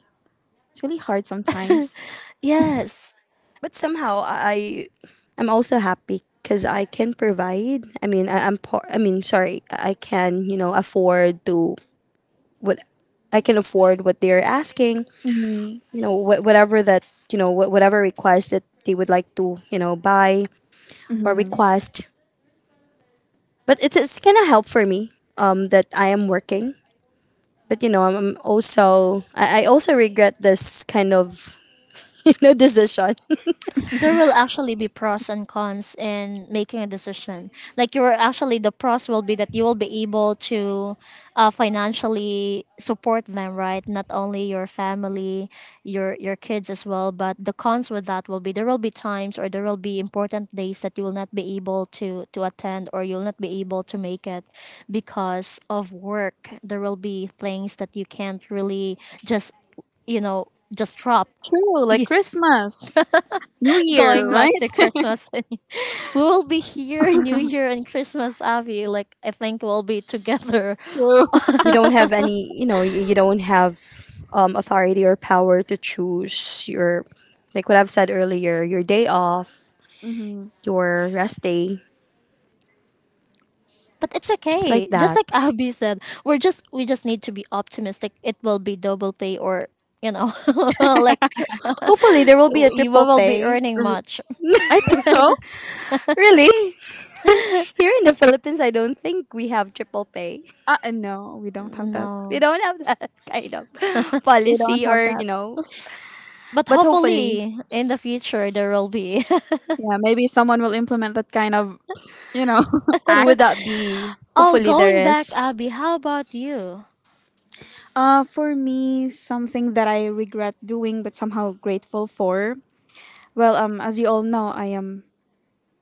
Speaker 2: it's really hard sometimes.
Speaker 1: Yes,
Speaker 3: But somehow I'm also happy because I can provide. I mean, I'm poor. I mean, sorry, I can you know afford to what, I can afford what they're asking.
Speaker 2: Hmm.
Speaker 3: You know, whatever that you know whatever request that they would like to you know buy or request. But it's kind of help for me. That I am working. But you know, I'm also I also regret this kind of you know decision.
Speaker 1: there will actually be pros and cons in making a decision. Like you're actually, the pros will be that you will be able to financially support them, right? Not only your family, your kids as well, but the cons with that will be, there will be times or there will be important days that you will not be able to attend or you'll not be able to make it because of work. There will be things that you can't really just, you know, just drop.
Speaker 2: True, like
Speaker 1: Yeah,
Speaker 2: Christmas, new year,
Speaker 1: going
Speaker 2: right?
Speaker 1: back to Christmas. We will be here New Year and Christmas, Abby. Like I think we'll be together.
Speaker 2: True.
Speaker 3: You don't have any you know you don't have authority or power to choose your, like what I've said earlier, your day off,
Speaker 2: Hmm.
Speaker 3: your rest day,
Speaker 1: But it's
Speaker 3: just like
Speaker 1: okay. Just
Speaker 3: that.
Speaker 1: like Abby said, we're just, we just need to be optimistic. It will be double pay, or you know, like,
Speaker 3: Hopefully there will be a
Speaker 1: you
Speaker 3: triple
Speaker 1: will be
Speaker 3: pay.
Speaker 1: earning much.
Speaker 2: I think so.
Speaker 3: Really, here in the Philippines, I don't think we have triple pay.
Speaker 2: No, we don't have that.
Speaker 3: We
Speaker 1: No.
Speaker 3: don't have that kind of
Speaker 2: We don't
Speaker 3: policy
Speaker 2: have
Speaker 3: or you
Speaker 2: that.
Speaker 3: know.
Speaker 1: But
Speaker 3: But hopefully,
Speaker 1: hopefully in the future there will be.
Speaker 2: Yeah, maybe someone will implement that kind of, you know,
Speaker 3: who would
Speaker 2: act.
Speaker 3: that be?
Speaker 1: Oh,
Speaker 3: Hopefully there
Speaker 1: going back,
Speaker 3: is.
Speaker 1: Abby, how about you?
Speaker 2: For me, something that I regret doing but somehow grateful for. Well, as you all know, I am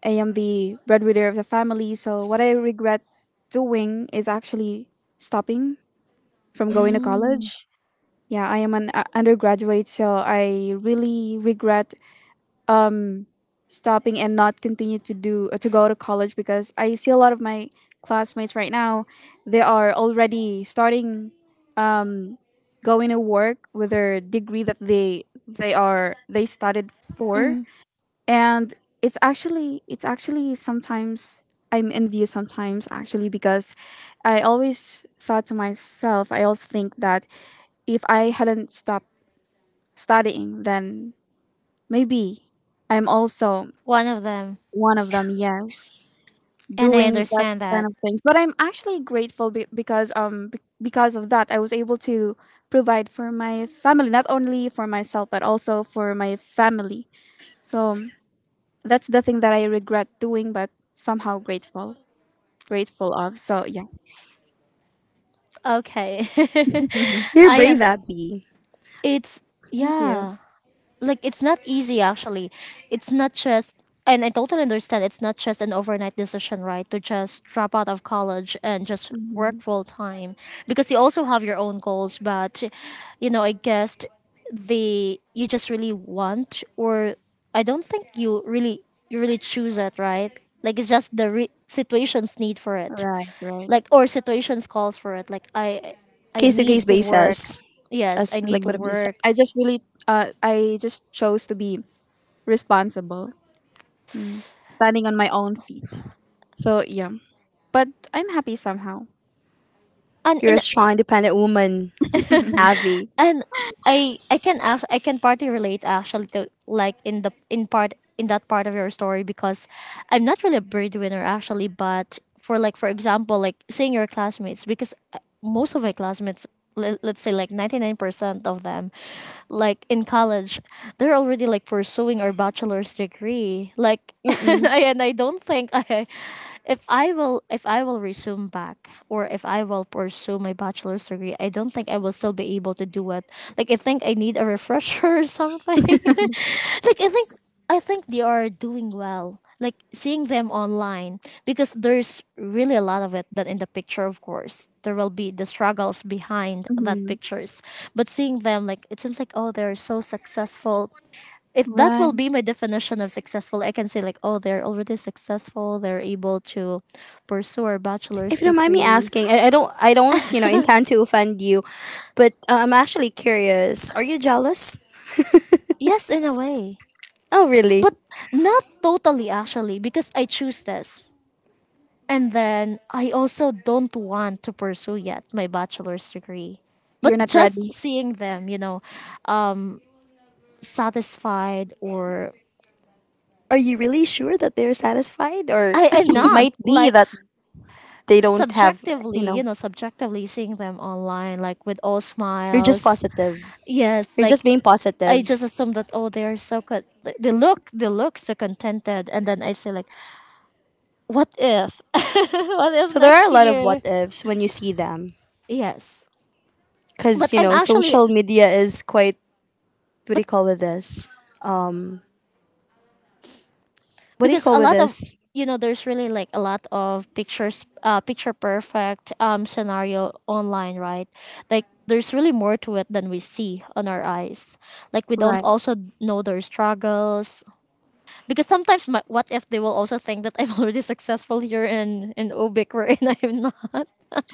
Speaker 2: I am the breadwinner of the family. So what I regret doing is actually stopping from going to
Speaker 1: Mm,
Speaker 2: college. Yeah, I am an undergraduate, so I really regret stopping and not continue to do to go to college, because I see a lot of my classmates right now. They are already starting going to work with their degree that they started for.
Speaker 1: mm,
Speaker 2: And it's actually, it's actually sometimes I'm envious sometimes, actually, because I always thought to myself I always think that if I hadn't stopped studying, then maybe I'm also
Speaker 1: one of them.
Speaker 2: one of them. Yes,
Speaker 1: And I
Speaker 2: doing that
Speaker 1: understand
Speaker 2: kind
Speaker 1: that.
Speaker 2: of things. But I'm actually grateful because because of that I was able to provide for my family, not only for myself but also for my family. So that's the thing that I regret doing, but somehow grateful of. So yeah,
Speaker 1: Okay.
Speaker 2: Mhm.
Speaker 3: You're
Speaker 1: I
Speaker 3: brave,
Speaker 1: and,
Speaker 3: Abby.
Speaker 1: it's,
Speaker 2: Thank you.
Speaker 1: yeah, like it's not easy actually. It's not just, and I totally understand, it's not just an overnight decision, right? To just drop out of college and just work
Speaker 2: Mhm.
Speaker 1: full time because you also have your own goals, but you know, I guess the, you just really want, or I don't think you really, you really choose it, right? Like it's just the re- situations need for it.
Speaker 2: Right, right.
Speaker 1: Like, or situations calls for it. Like I
Speaker 3: Case to case
Speaker 1: need to work.
Speaker 3: basis,
Speaker 1: Yes, I
Speaker 3: as
Speaker 1: need
Speaker 3: like
Speaker 1: to
Speaker 3: what I have
Speaker 2: Mm.
Speaker 3: just said.
Speaker 2: I
Speaker 1: work,
Speaker 2: just really, I just chose to be responsible, standing on my own feet. So yeah, but I'm happy somehow.
Speaker 1: and
Speaker 3: You're
Speaker 1: in
Speaker 3: a strong, independent woman, Abby.
Speaker 1: and I can act I can partly relate actually to like in the in part in that part of your story because I'm not really a breadwinner actually, but for like for example like seeing your classmates because most of my classmates let's say like 99% of them like in college they're already like pursuing our bachelor's degree like and
Speaker 3: Mm-mm.
Speaker 1: I, and I don't think I if I will resume back or if I will pursue my bachelor's degree, I don't think I will still be able to do it. Like I think I need a refresher or something. Like I think I think they are doing well, like seeing them online, because there's really a lot of it that in the picture, of course. There will be the struggles behind that
Speaker 2: Mhm.
Speaker 1: pictures. But seeing them, like it seems like, oh, they're so successful. If that will
Speaker 2: Right,
Speaker 1: be my definition of successful, I can say like, oh, they're already successful. They're able to pursue a bachelor's
Speaker 3: If you don't mind me
Speaker 1: degree.
Speaker 3: asking, I don't, you know, intend to offend you, but I'm actually curious. Are you jealous?
Speaker 1: Yes, in a way,
Speaker 3: Oh, really?
Speaker 1: but not totally actually, because I choose this, and then I also don't want to pursue yet my bachelor's degree. But
Speaker 2: you're not ready.
Speaker 1: just seeing them, you know, um, satisfied or
Speaker 3: Are you really sure that they're satisfied, or
Speaker 1: I am not
Speaker 3: might be
Speaker 1: like
Speaker 3: that they don't have, you
Speaker 1: subjectively, you
Speaker 3: know?
Speaker 1: know, subjectively seeing them online, like with all
Speaker 3: You're just
Speaker 1: smiles.
Speaker 3: positive.
Speaker 1: Yes,
Speaker 3: You're
Speaker 1: like
Speaker 3: just being
Speaker 1: I
Speaker 3: positive.
Speaker 1: just assume that, oh, they are so good. They look, they look so contented, and then I say like, what if, what if
Speaker 3: So there are a
Speaker 1: next
Speaker 3: lot of
Speaker 1: year?
Speaker 3: what ifs when you see them,
Speaker 1: Yes,
Speaker 3: because
Speaker 1: but
Speaker 3: you
Speaker 1: I'm
Speaker 3: know,
Speaker 1: actually
Speaker 3: social media is quite what do
Speaker 1: but
Speaker 3: you call with this? What do you
Speaker 1: because
Speaker 3: call
Speaker 1: a
Speaker 3: with
Speaker 1: lot of,
Speaker 3: this?
Speaker 1: you know, there's really like a lot of pictures, picture perfect scenario online, right? Like there's really more to it than we see on our eyes. Like we don't
Speaker 2: Right,
Speaker 1: also know their struggles, because sometimes my, what if they will also think that I'm already successful here in Ubik wherein I'm not.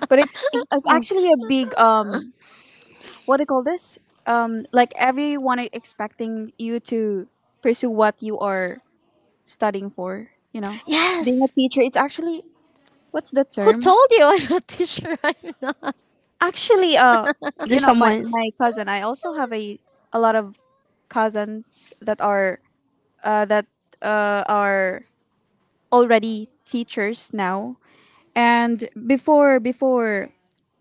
Speaker 2: but it's it's actually a big what do you call this? Like everyone is expecting you to pursue what you are studying for, you know. Being a
Speaker 1: Yes.
Speaker 2: teacher, it's actually what's the
Speaker 1: Who
Speaker 2: term?
Speaker 1: told you I'm not teacher? I'm not.
Speaker 2: Actually, you
Speaker 3: There's
Speaker 2: know, my
Speaker 3: someone.
Speaker 2: my cousin, I also have a lot of cousins that are already teachers now. And before before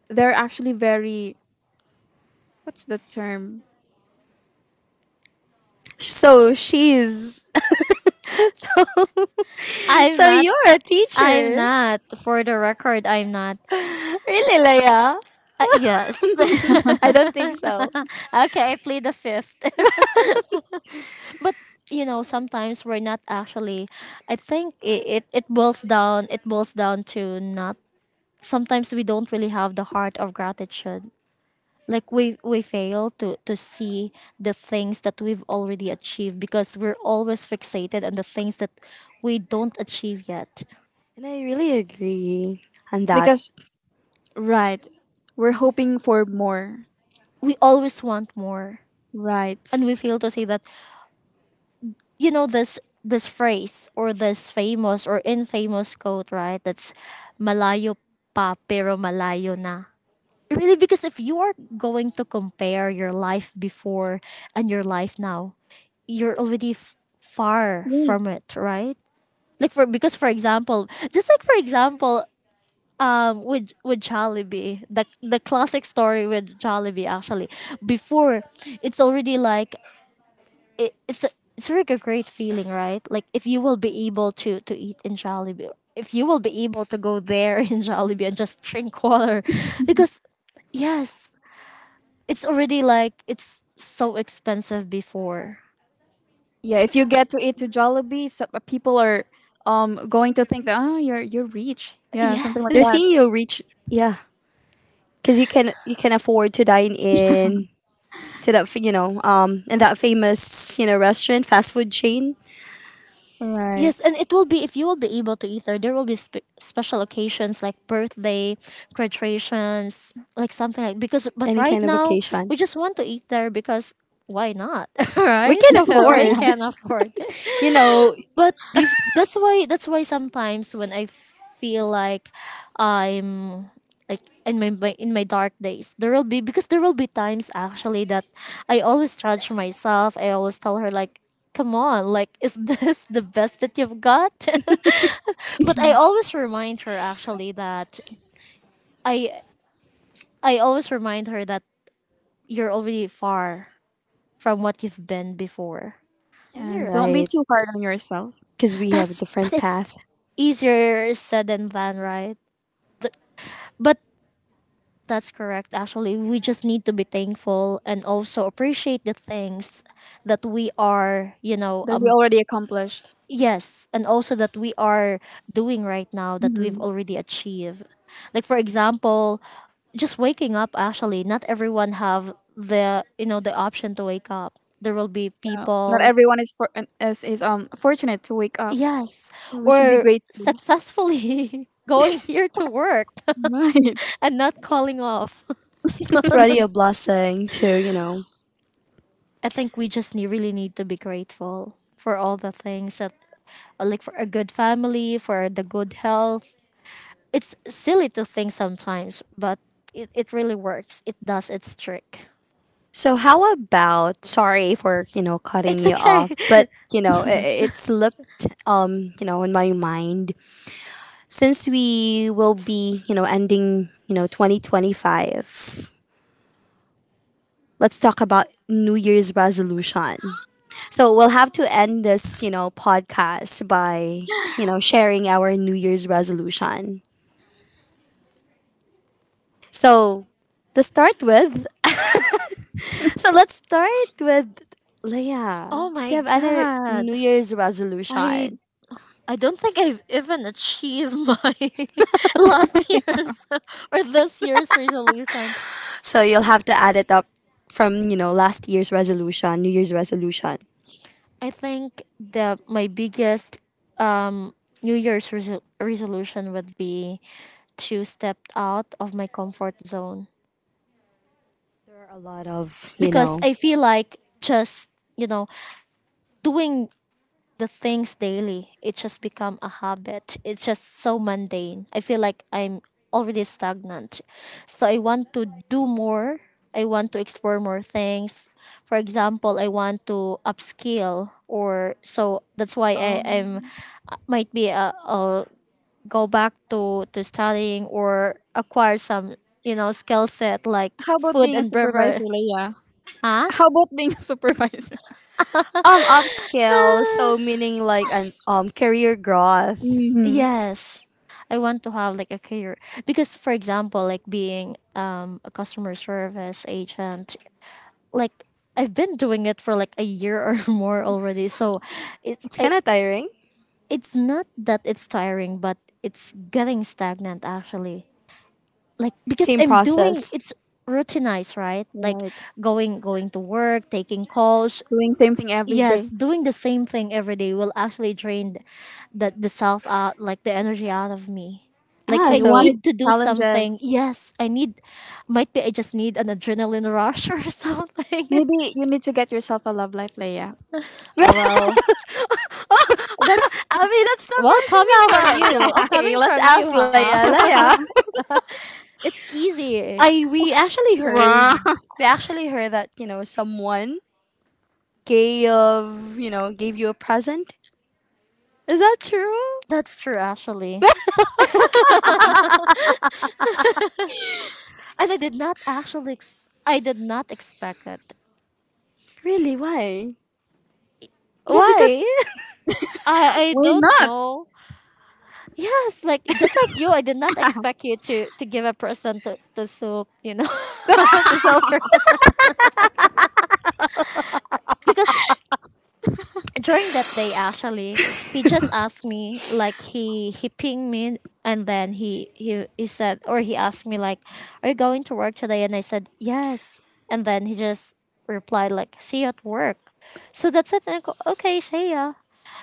Speaker 2: they're actually very what's the term?
Speaker 3: So she's. So,
Speaker 1: I'm
Speaker 3: so
Speaker 1: not.
Speaker 3: you're a
Speaker 1: I'm
Speaker 3: teacher.
Speaker 1: not. For the record, I'm not.
Speaker 3: Really, Leia?
Speaker 1: Yes.
Speaker 3: I don't think so.
Speaker 1: Okay, I plead the fifth. But you know, sometimes we're not actually. I think it, it boils down. It boils down to not. Sometimes we don't really have the heart of gratitude. Like we fail to see the things that we've already achieved, because we're always fixated on the things that we don't achieve yet.
Speaker 3: And I really agree on
Speaker 2: Because
Speaker 3: that.
Speaker 2: right, we're hoping for more.
Speaker 1: We always want more,
Speaker 2: Right.
Speaker 1: and we fail to see that, you know, this phrase or this famous or infamous quote, right, that's malayo pa pero malayo na really, because if you are going to compare your life before and your life now, you're already far
Speaker 2: Right.
Speaker 1: from it, right? Like for because for example, just like for example, with Jollibee, the classic story with Jollibee actually before, it's already like it, it's a, it's like a great feeling, right? Like if you will be able to eat in Jollibee, if you will be able to go there in Jollibee and just drink water, because yes, it's already like it's so expensive before.
Speaker 2: Yeah, if you get to eat to Jollibee, so, people are going to think that oh you're rich. Yeah, something like
Speaker 3: They're
Speaker 2: that.
Speaker 1: Yes.
Speaker 3: seeing you reach. Yeah. Because you can afford to dine in to that you know in that famous you know restaurant fast food chain,
Speaker 2: Right.
Speaker 1: Yes, and it will be if you will be able to either. There will be special occasions like birthday, graduations, like something like because. But
Speaker 3: any
Speaker 1: right
Speaker 3: kind of
Speaker 1: now,
Speaker 3: occasion.
Speaker 1: we just want to eat there because why not,
Speaker 3: We
Speaker 1: right?
Speaker 3: can
Speaker 1: We
Speaker 3: afford
Speaker 1: can afford it.
Speaker 3: you know.
Speaker 1: But that's why sometimes when I feel like I'm like in my, in my dark days, there will be, because there will be times actually that I always judge myself. I always tell her like, come on, like is this the best that you've got? But I always remind her actually that I I always remind her that you're already far from what you've been before.
Speaker 2: Yeah,
Speaker 3: And you're
Speaker 2: and don't be
Speaker 3: right,
Speaker 2: too hard on yourself.
Speaker 3: because we have a
Speaker 1: That's but
Speaker 3: different
Speaker 1: it's
Speaker 3: path.
Speaker 1: easier said than done, right? Th- but that's correct. Actually, we just need to be thankful and also appreciate the things that we are, you know,
Speaker 2: That we already accomplished.
Speaker 1: yes, and also that we are doing right now, that we've
Speaker 2: Hmm.
Speaker 1: already achieved. Like for example, just waking up. Actually, not everyone have the, you know, the option to wake up. There will be
Speaker 2: Yeah. Not
Speaker 1: people,
Speaker 2: everyone is fortunate to wake up.
Speaker 1: yes,
Speaker 2: So we should be
Speaker 1: or
Speaker 2: grateful.
Speaker 1: successfully going here to work
Speaker 2: Right.
Speaker 1: and not calling off.
Speaker 3: It's already a blessing too, you know.
Speaker 1: I think we just really need to be grateful for all the things that, like, for a good family, for the good health. It's silly to think sometimes, but it really works. It does its trick.
Speaker 3: So how about sorry for, you know, cutting
Speaker 1: It's
Speaker 3: you
Speaker 1: okay.
Speaker 3: off, but you know, it slipped you know, in my mind, since we will be, you know, ending, you know, 2025. Let's talk about New Year's resolution. So we'll have to end this, you know, podcast by, you know, sharing our New Year's resolution. So to start with, so let's start with Leah.
Speaker 1: Oh
Speaker 3: Do you
Speaker 1: my
Speaker 3: have any
Speaker 1: god.
Speaker 3: New Year's
Speaker 1: I
Speaker 3: resolution?
Speaker 1: I don't think I've even achieved my last year's or this year's resolution.
Speaker 3: So you'll have to add it up from, you know, last year's resolution, New Year's resolution.
Speaker 1: I think the my biggest um, New Year's resolution would be to step out of my comfort zone,
Speaker 3: There are a lot of, you
Speaker 1: because
Speaker 3: know,
Speaker 1: I feel like just, you know, doing the things daily, it just become a habit. It's just so mundane. I feel like I'm already stagnant. So I want to do more. I want to explore more things. For example, I want to upskill or so that's why I am
Speaker 2: Um,
Speaker 1: might be a go back to studying or acquire some, you know, skill set like
Speaker 2: how about
Speaker 1: food
Speaker 2: being a
Speaker 1: and
Speaker 2: supervisor,
Speaker 1: beverage.
Speaker 2: Leia?
Speaker 1: Huh?
Speaker 2: How about being a supervisor?
Speaker 3: um, upscale, so meaning like an career growth.
Speaker 2: Hmm.
Speaker 1: Yes. I want to have like a career, because for example, like being a customer service agent, like I've been doing it for like a year or more already. So it's
Speaker 3: It's
Speaker 1: I,
Speaker 3: kind of tiring.
Speaker 1: it's not that it's tiring, but it's getting stagnant actually. Like because
Speaker 3: Same
Speaker 1: I'm doing it's
Speaker 3: process.
Speaker 1: routinized, right? Like
Speaker 2: Right.
Speaker 1: going to work, taking calls,
Speaker 2: Doing same thing every
Speaker 1: yes,
Speaker 2: day.
Speaker 1: doing the same thing every day will actually drain the self out, like the energy out of me. Like
Speaker 2: So
Speaker 3: Ah,
Speaker 1: I
Speaker 2: you
Speaker 3: so
Speaker 1: need
Speaker 2: wanted
Speaker 1: to do something.
Speaker 2: challenges.
Speaker 1: Yes, I need. Might be I just need an adrenaline rush or something.
Speaker 2: Maybe you need to get yourself a love life, Leia.
Speaker 1: Oh well, that's
Speaker 3: I mean that's the
Speaker 1: well coming
Speaker 3: personal.
Speaker 1: from
Speaker 3: Well, yeah,
Speaker 1: you.
Speaker 3: okay,
Speaker 1: Coming
Speaker 3: let's
Speaker 1: from
Speaker 3: ask
Speaker 1: you, huh?
Speaker 3: Leia. Leia.
Speaker 1: It's easy.
Speaker 3: I
Speaker 2: Wow.
Speaker 3: we actually heard that you know someone gave you know gave you a present. Is that true?
Speaker 1: That's true, actually. And I did not actually. I did not expect it.
Speaker 3: Really? Why?
Speaker 1: Yeah,
Speaker 3: Why?
Speaker 1: because I
Speaker 2: Why
Speaker 1: don't
Speaker 2: not?
Speaker 1: know. Yes, like just like you, I did not expect you to give a person to soup, you know, to supper. Because during that day, actually, he just asked me, like he pinged me, and then he said, or he asked me, like, "Are you going to work today?" And I said, "Yes." And then he just replied, like, "See you at work." So that's it. And I go, "Okay, see ya."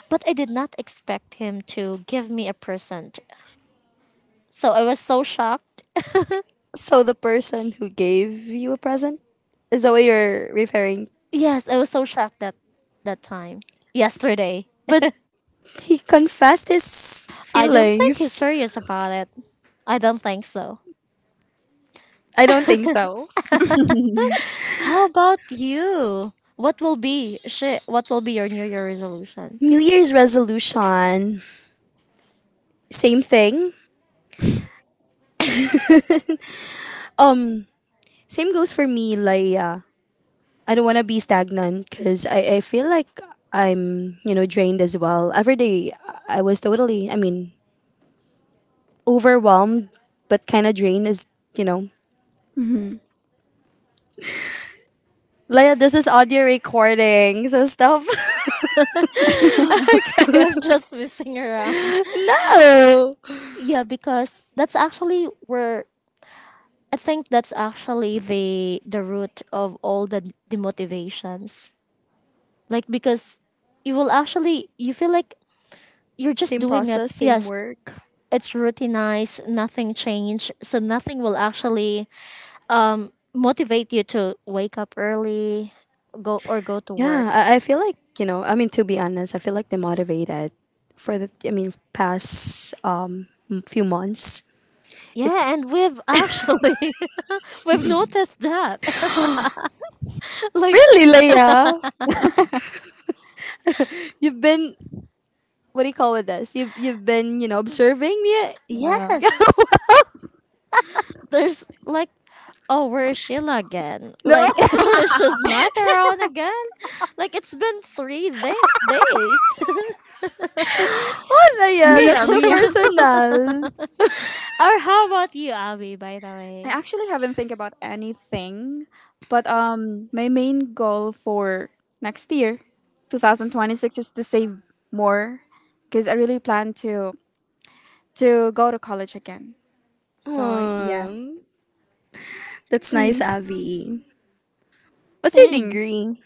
Speaker 1: But I did not expect him to give me a present, so I was so shocked.
Speaker 3: So the person who gave you a present, is that what you're referring?
Speaker 1: Yes, I was so shocked that that time. Yesterday.
Speaker 3: But he confessed his
Speaker 1: I don't think he's
Speaker 3: feelings.
Speaker 1: serious about it. I don't think so.
Speaker 3: I don't think so.
Speaker 1: How about you? What will be shit, what will be your new year resolution?
Speaker 3: New Year's resolution, same thing. Um, Same goes for me. Like, I don't want to be stagnant because I feel like I'm you know drained as well. Every day I was totally. I mean, overwhelmed but kind of drained is, you know,
Speaker 2: Hmm.
Speaker 3: Leia, this is audio recording, so stop.
Speaker 1: Okay, I'm just messing around.
Speaker 3: No!
Speaker 1: Yeah, because that's actually where I think that's actually the root of all the demotivations. Like because you will actually you feel like you're just
Speaker 3: Same
Speaker 1: doing it.
Speaker 3: process, same
Speaker 1: Yes,
Speaker 3: work.
Speaker 1: it's routinized, nothing changed, so nothing will actually motivate you to wake up early, go to
Speaker 3: Yeah,
Speaker 1: work.
Speaker 3: I feel like, you know, I mean, to be honest, I feel like demotivated for the, I mean, past few months.
Speaker 1: Yeah,
Speaker 3: It's
Speaker 1: and we've actually we've noticed that. Like
Speaker 3: really, Leia, you've been, what do you call it this? You've been, you know, observing me.
Speaker 2: Wow.
Speaker 1: yes, there's like, oh, where is Sheila again?
Speaker 3: No,
Speaker 1: Like she's not around again. Like it's been days.
Speaker 3: Leia,
Speaker 2: Mia,
Speaker 3: that's too
Speaker 2: Mia.
Speaker 3: personal.
Speaker 1: Or how about you, Abby? By the
Speaker 2: I
Speaker 1: way.
Speaker 2: actually haven't think about anything, but my main goal for next year, 2026, is to save more, because I really plan to go to college again. So yeah,
Speaker 3: Um, that's nice, Abby. What's your
Speaker 2: Thanks.
Speaker 3: degree?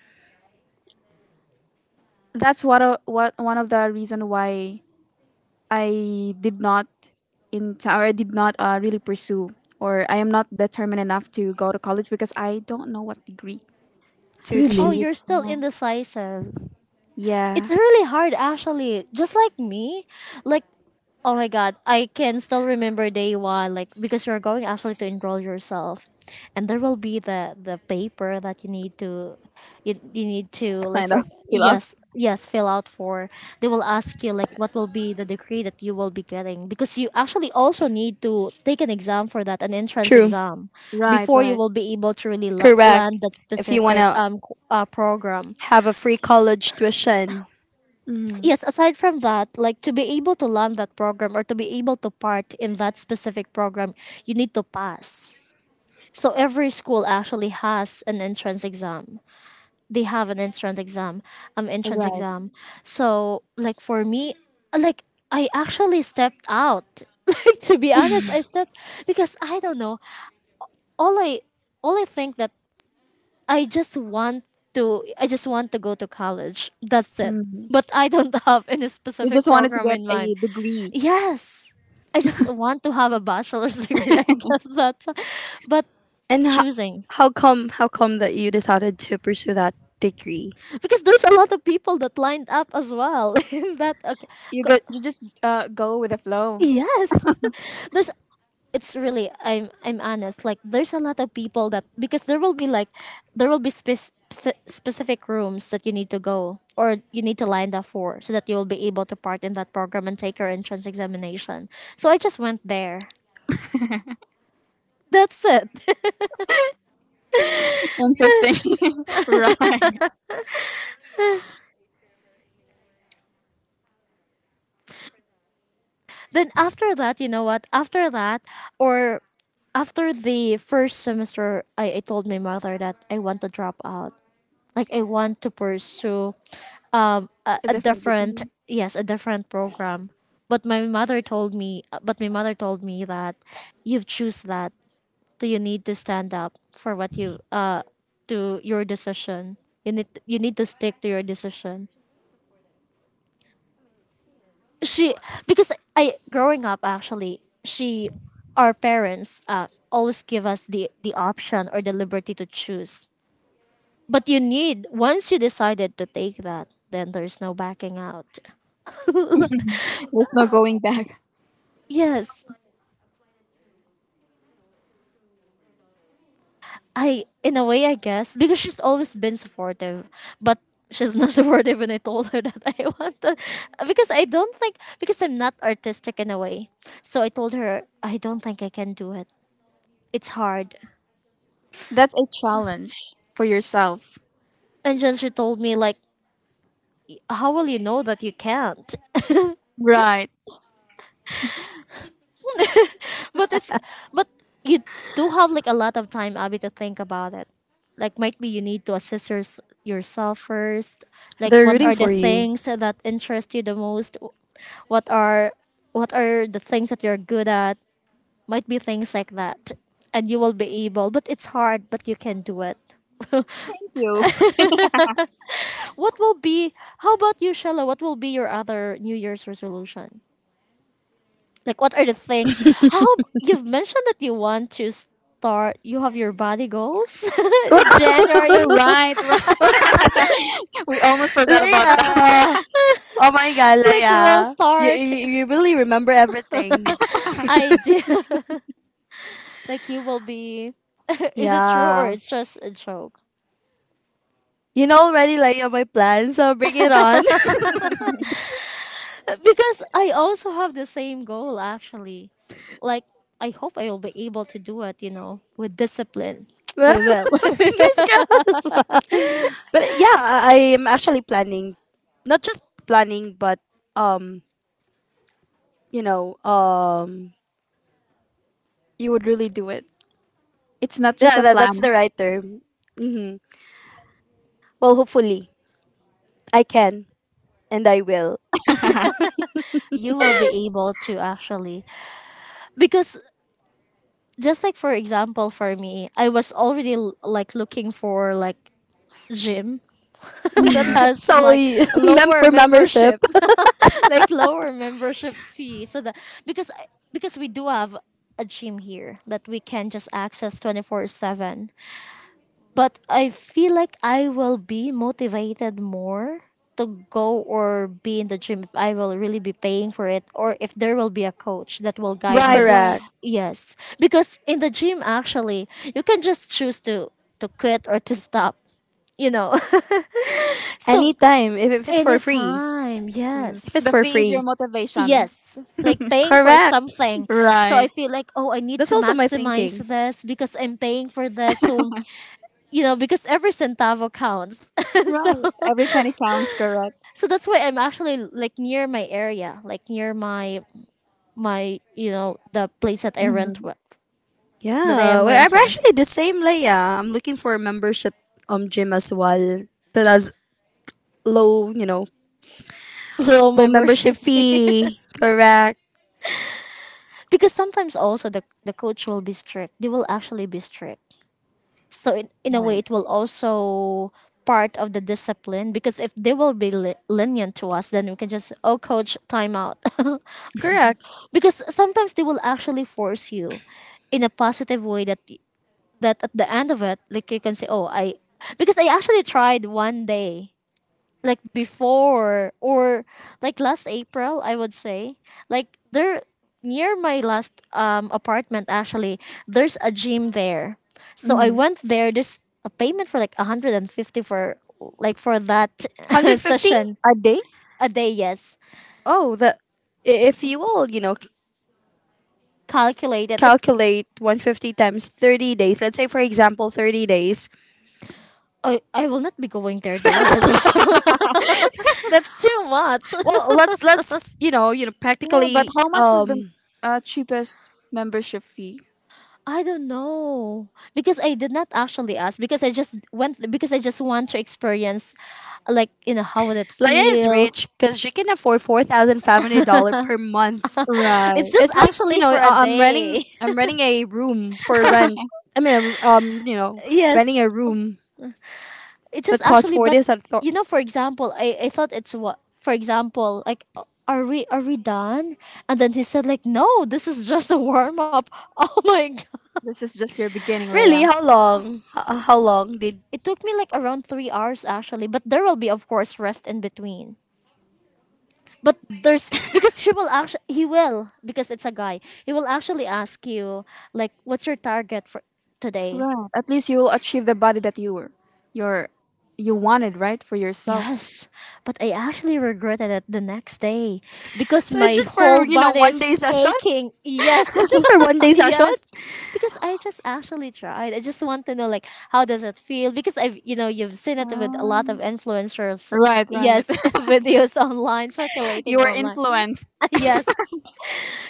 Speaker 2: That's what a, what one of the reason why I did not in or I did not really pursue, or I am not determined enough to go to college because I don't know what degree to
Speaker 1: Oh,
Speaker 3: Really?
Speaker 1: you're
Speaker 2: choose.
Speaker 1: still
Speaker 2: Uh,
Speaker 1: indecisive. It's
Speaker 2: yeah.
Speaker 1: really hard actually. Just like me, like oh my god, I can still remember day one, like because you're going actually to enroll yourself, and there will be the paper that you need to, you need to like
Speaker 2: Sign
Speaker 1: for
Speaker 2: up, fill up.
Speaker 1: yes yes fill out for. They will ask you like what will be the degree that you will be getting, because you actually also need to take an exam for that, an entrance
Speaker 3: True.
Speaker 1: exam,
Speaker 2: Right.
Speaker 1: before you
Speaker 2: Right.
Speaker 1: will be able to really land
Speaker 3: Correct.
Speaker 1: that
Speaker 3: If you want
Speaker 1: specific
Speaker 3: to
Speaker 1: program.
Speaker 3: have a free college tuition.
Speaker 2: Mm,
Speaker 1: Yes, aside from that, like to be able to learn that program or to be able to part in that specific program, you need to pass. So every school actually has an entrance exam. They have an entrance exam. Entrance
Speaker 2: right.
Speaker 1: exam. So like for me, like I actually stepped out like to be honest I stepped because I don't know. all i all I think that I just want to I just want to go to college, that's it,
Speaker 2: Mm.
Speaker 1: but I don't have any
Speaker 2: You
Speaker 1: specific
Speaker 2: just wanted to
Speaker 1: program
Speaker 2: get
Speaker 1: in mind.
Speaker 2: a degree.
Speaker 1: Yes. I just want to have a bachelor's degree. I guess that's but
Speaker 3: And
Speaker 1: choosing
Speaker 3: how come that you decided to pursue that degree?
Speaker 1: because there's a lot of people that lined up as well in that okay
Speaker 2: You get.
Speaker 1: co-
Speaker 2: You just go with the flow.
Speaker 1: yes there's it's really I'm honest. Like there's a lot of people that because there will be like there will be specific rooms that you need to go or you need to line up for, so that you will be able to part in that program and take your entrance examination. So I just went there. That's it.
Speaker 2: Interesting. Right.
Speaker 1: Then after that, you know what? After that, or after the first semester, I told my mother that I want to drop out. Like I want to pursue
Speaker 2: A
Speaker 1: a
Speaker 2: different
Speaker 1: different
Speaker 2: degree.
Speaker 1: yes a different program. But my mother told me, but my mother told me that you've choose that. So you need to stand up for what you to your decision. You need to stick to your decision. She because I growing up actually she our parents always give us the option or the liberty to choose. But you need once you decided to take that, then there's no backing out.
Speaker 2: There's no going back.
Speaker 1: Yes, I in a way I guess because she's always been supportive, but she's not supportive when I told her that I want to because I don't think because I'm not artistic in a way. So I told her I don't think I can do it. It's hard.
Speaker 2: That's a challenge for yourself.
Speaker 1: And then she told me like how will you know that you can't?
Speaker 2: Right.
Speaker 1: But it's but you do have like a lot of time, Abby, to think about it. Like might be you need to assess yourself first. Like
Speaker 3: They're
Speaker 1: what
Speaker 3: rooting
Speaker 1: are the
Speaker 3: for you.
Speaker 1: things that interest you the most? What are what are the things that you're good at? Might be things like that. And you will be able, but it's hard, but you can do it.
Speaker 2: Thank you.
Speaker 1: What will be, how about you, Shala? What will be your other New Year's resolution? Like, what are the things? How you've mentioned that you want to start, you have your body goals
Speaker 2: Oh,
Speaker 1: January.
Speaker 2: right. Right. We almost forgot about that.
Speaker 3: Leia! Oh my god,
Speaker 1: Like, we
Speaker 3: Leia.
Speaker 1: will start.
Speaker 3: You really remember everything.
Speaker 1: I do. Like, you will be. Is it true or
Speaker 3: Yeah.
Speaker 1: it's just a joke?
Speaker 3: You know already, Leia, my plan, so bring it on.
Speaker 1: Because I also have the same goal, actually. Like, I hope I will be able to do it, you know, with discipline. We will.
Speaker 3: Fingers crossed. But yeah, I am actually planning, not just planning, but um you know,
Speaker 2: You would really do it. It's not just
Speaker 3: yeah,
Speaker 2: a
Speaker 3: that's the
Speaker 2: plan.
Speaker 3: right term. Well, hopefully, I can and I will.
Speaker 1: You will be able to actually because just like for example for me I was already like looking for like gym that
Speaker 2: Mm.
Speaker 1: has
Speaker 3: So,
Speaker 1: like lower
Speaker 3: for membership,
Speaker 1: membership, like lower membership fee, so that because I- because we do have a gym here that we can just access 24/7. But I feel like I will be motivated more to go or be in the gym if I will really be paying for it or if there will be a coach that will guide
Speaker 2: Right.
Speaker 1: me.
Speaker 2: Right.
Speaker 3: correct.
Speaker 1: Yes, because in the gym actually, you can just choose to quit or to stop, you know. So
Speaker 3: Anytime, if it's for free.
Speaker 1: anytime,
Speaker 3: If it's
Speaker 1: yes.
Speaker 2: The
Speaker 3: for
Speaker 2: fee is
Speaker 3: free.
Speaker 2: your motivation.
Speaker 1: Yes, like paying for
Speaker 3: Correct.
Speaker 1: something. So I
Speaker 2: Right.
Speaker 1: feel like, oh, I need
Speaker 3: That's
Speaker 1: to
Speaker 3: also my
Speaker 1: maximize
Speaker 3: thinking.
Speaker 1: this because I'm paying for this. So, you know, because every centavo counts. So
Speaker 2: Right. Every penny counts, correct?
Speaker 1: so that's why I'm actually like near my area, like near my my, you know, the place that I rent
Speaker 2: Mm-hmm.
Speaker 1: with, that I
Speaker 3: Yeah,
Speaker 1: am
Speaker 3: well, I'm
Speaker 1: renting.
Speaker 3: actually the same, Leia. I'm looking for a membership gym as well that has low, you know,
Speaker 1: Low
Speaker 3: low membership
Speaker 1: membership fee.
Speaker 3: fee. Correct.
Speaker 1: Because sometimes also the coach will be strict. They will actually be strict. So in a way
Speaker 2: Right.
Speaker 1: it will also part of the discipline because if they will be lenient to us then we can just oh coach time out.
Speaker 3: Correct.
Speaker 1: Because sometimes they will actually force you in a positive way that at the end of it like you can say oh I because I actually tried one day like before or like last April, I would say. Like there near my last apartment actually, there's a gym there. So I
Speaker 2: Mm-hmm.
Speaker 1: went there, there's a payment for like 150 for like for that
Speaker 3: one Hundred fifty.
Speaker 1: session
Speaker 2: A day?
Speaker 1: a day, yes.
Speaker 3: Oh, the if you will, you know,
Speaker 1: Calculated. It
Speaker 3: calculate 150 times 30 days let's say for example 30 days,
Speaker 1: I will not be going there daily as well. That's too much.
Speaker 3: well let's you know
Speaker 2: Yeah, but
Speaker 3: practically
Speaker 2: how much was the cheapest membership fee?
Speaker 1: I don't know because I did not actually ask because I just went because I just want to experience like you know how would it
Speaker 3: Leia is
Speaker 1: feel.
Speaker 3: rich because she can afford $4,500 per month.
Speaker 1: It's
Speaker 2: Right.
Speaker 1: just
Speaker 3: It's like you
Speaker 1: actually
Speaker 3: know
Speaker 1: for a
Speaker 3: I'm renting
Speaker 1: day.
Speaker 3: I'm renting a room for rent. I mean you know
Speaker 1: Yes,
Speaker 3: renting a room
Speaker 1: it's just
Speaker 3: that costs
Speaker 1: actually but
Speaker 3: forty some
Speaker 1: you know for example I thought it's what for example like are we done? And then he said like no this is just a warm up. Oh my god.
Speaker 2: This is just your beginning,
Speaker 3: Really,
Speaker 2: Leia.
Speaker 3: how long? How long did?
Speaker 1: It took me like around 3 hours actually, but there will be of course rest in between. But there's because she will actually he will because it's a guy. He will actually ask you like, "What's your target for today?"
Speaker 2: Right. At least you will achieve the body that you were, your, you wanted, right, for yourself.
Speaker 1: Yes, but I actually regretted it the next day because
Speaker 3: So it's
Speaker 1: my
Speaker 3: just for
Speaker 1: whole
Speaker 3: you know
Speaker 1: body
Speaker 3: one
Speaker 1: is
Speaker 3: day session.
Speaker 1: aching.
Speaker 3: It's
Speaker 1: Yes,
Speaker 3: just for one day session.
Speaker 1: yes, because I just actually tried. I just want to know like how does it feel because I've you know you've seen it with a lot of
Speaker 2: Ah.
Speaker 1: influencers.
Speaker 2: Right, right.
Speaker 1: Yes, videos online
Speaker 2: You
Speaker 1: circulating
Speaker 2: were
Speaker 1: online.
Speaker 2: influenced.
Speaker 1: Yes.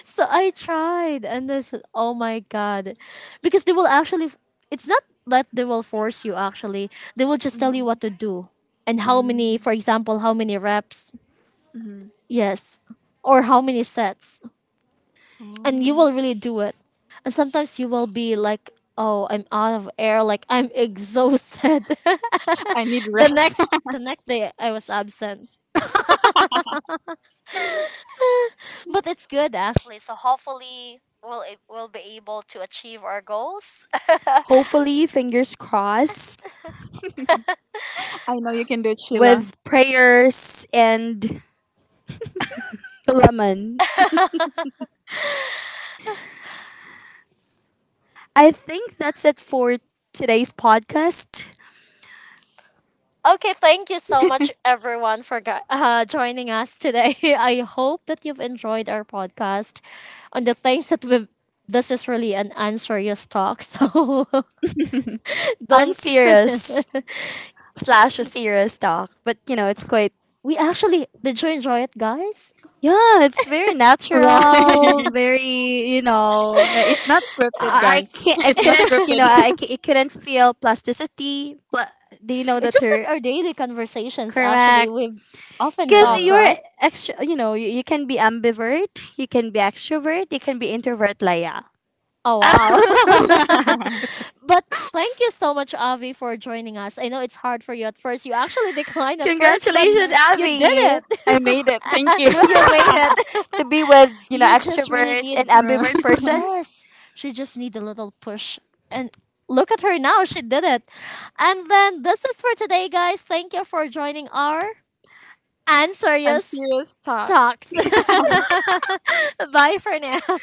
Speaker 1: So I tried, and I said, "Oh my god," because they will actually. It's not that they will force you. Actually, they will just tell you what to do and how many. For
Speaker 2: Mm-hmm.
Speaker 1: example, how many reps? Yes, or how many sets, and you
Speaker 2: Oh.
Speaker 1: will really do it. And sometimes you will be like, "Oh, I'm out of air. Like I'm exhausted."
Speaker 2: I need rest.
Speaker 1: The next day, I was absent, but it's good actually. So hopefully. We'll, we'll be able to achieve our goals.
Speaker 3: Hopefully, fingers crossed.
Speaker 2: I know you can do it, Sheila.
Speaker 3: With prayers and lemon. I think that's it for today's podcast.
Speaker 1: Okay, thank you so much, everyone, for joining us today. I hope that you've enjoyed our podcast on the things that we've. This is really an unserious talk, so don't.
Speaker 3: Unserious slash a serious talk, but you know, it's quite,
Speaker 1: We actually did you enjoy it, guys?
Speaker 3: yeah, it's very
Speaker 2: Right.
Speaker 3: natural, very, you know,
Speaker 2: Yeah, it's not scripted, guys.
Speaker 3: I
Speaker 2: It's not
Speaker 3: couldn't, you
Speaker 2: scripted.
Speaker 3: know, I couldn't feel plasticity. Do you know the
Speaker 1: It's just
Speaker 3: term?
Speaker 1: like our daily conversations. Actually,
Speaker 3: Correct.
Speaker 1: we often
Speaker 3: Because
Speaker 1: talk,
Speaker 3: you're
Speaker 1: right?
Speaker 3: extra, you know, you can be ambivert, you can be extrovert, you can be introvert, Laya.
Speaker 1: Oh wow! But thank you so much, Avi, for joining us. I know it's hard for you at first. You actually declined at first, but
Speaker 3: Congratulations,
Speaker 2: Sure.
Speaker 1: you did
Speaker 3: Abby.
Speaker 2: I
Speaker 1: it.
Speaker 2: made it. Thank you.
Speaker 1: You made it.
Speaker 3: To be with, you know,
Speaker 1: You just really
Speaker 3: extrovert and
Speaker 1: need
Speaker 3: ambivert person.
Speaker 1: yes. She just need a little push. And look at her now, she did it. And then this is for today, guys. Thank you for joining our and
Speaker 2: And
Speaker 1: serious
Speaker 2: serious talk.
Speaker 1: talks. Bye for now.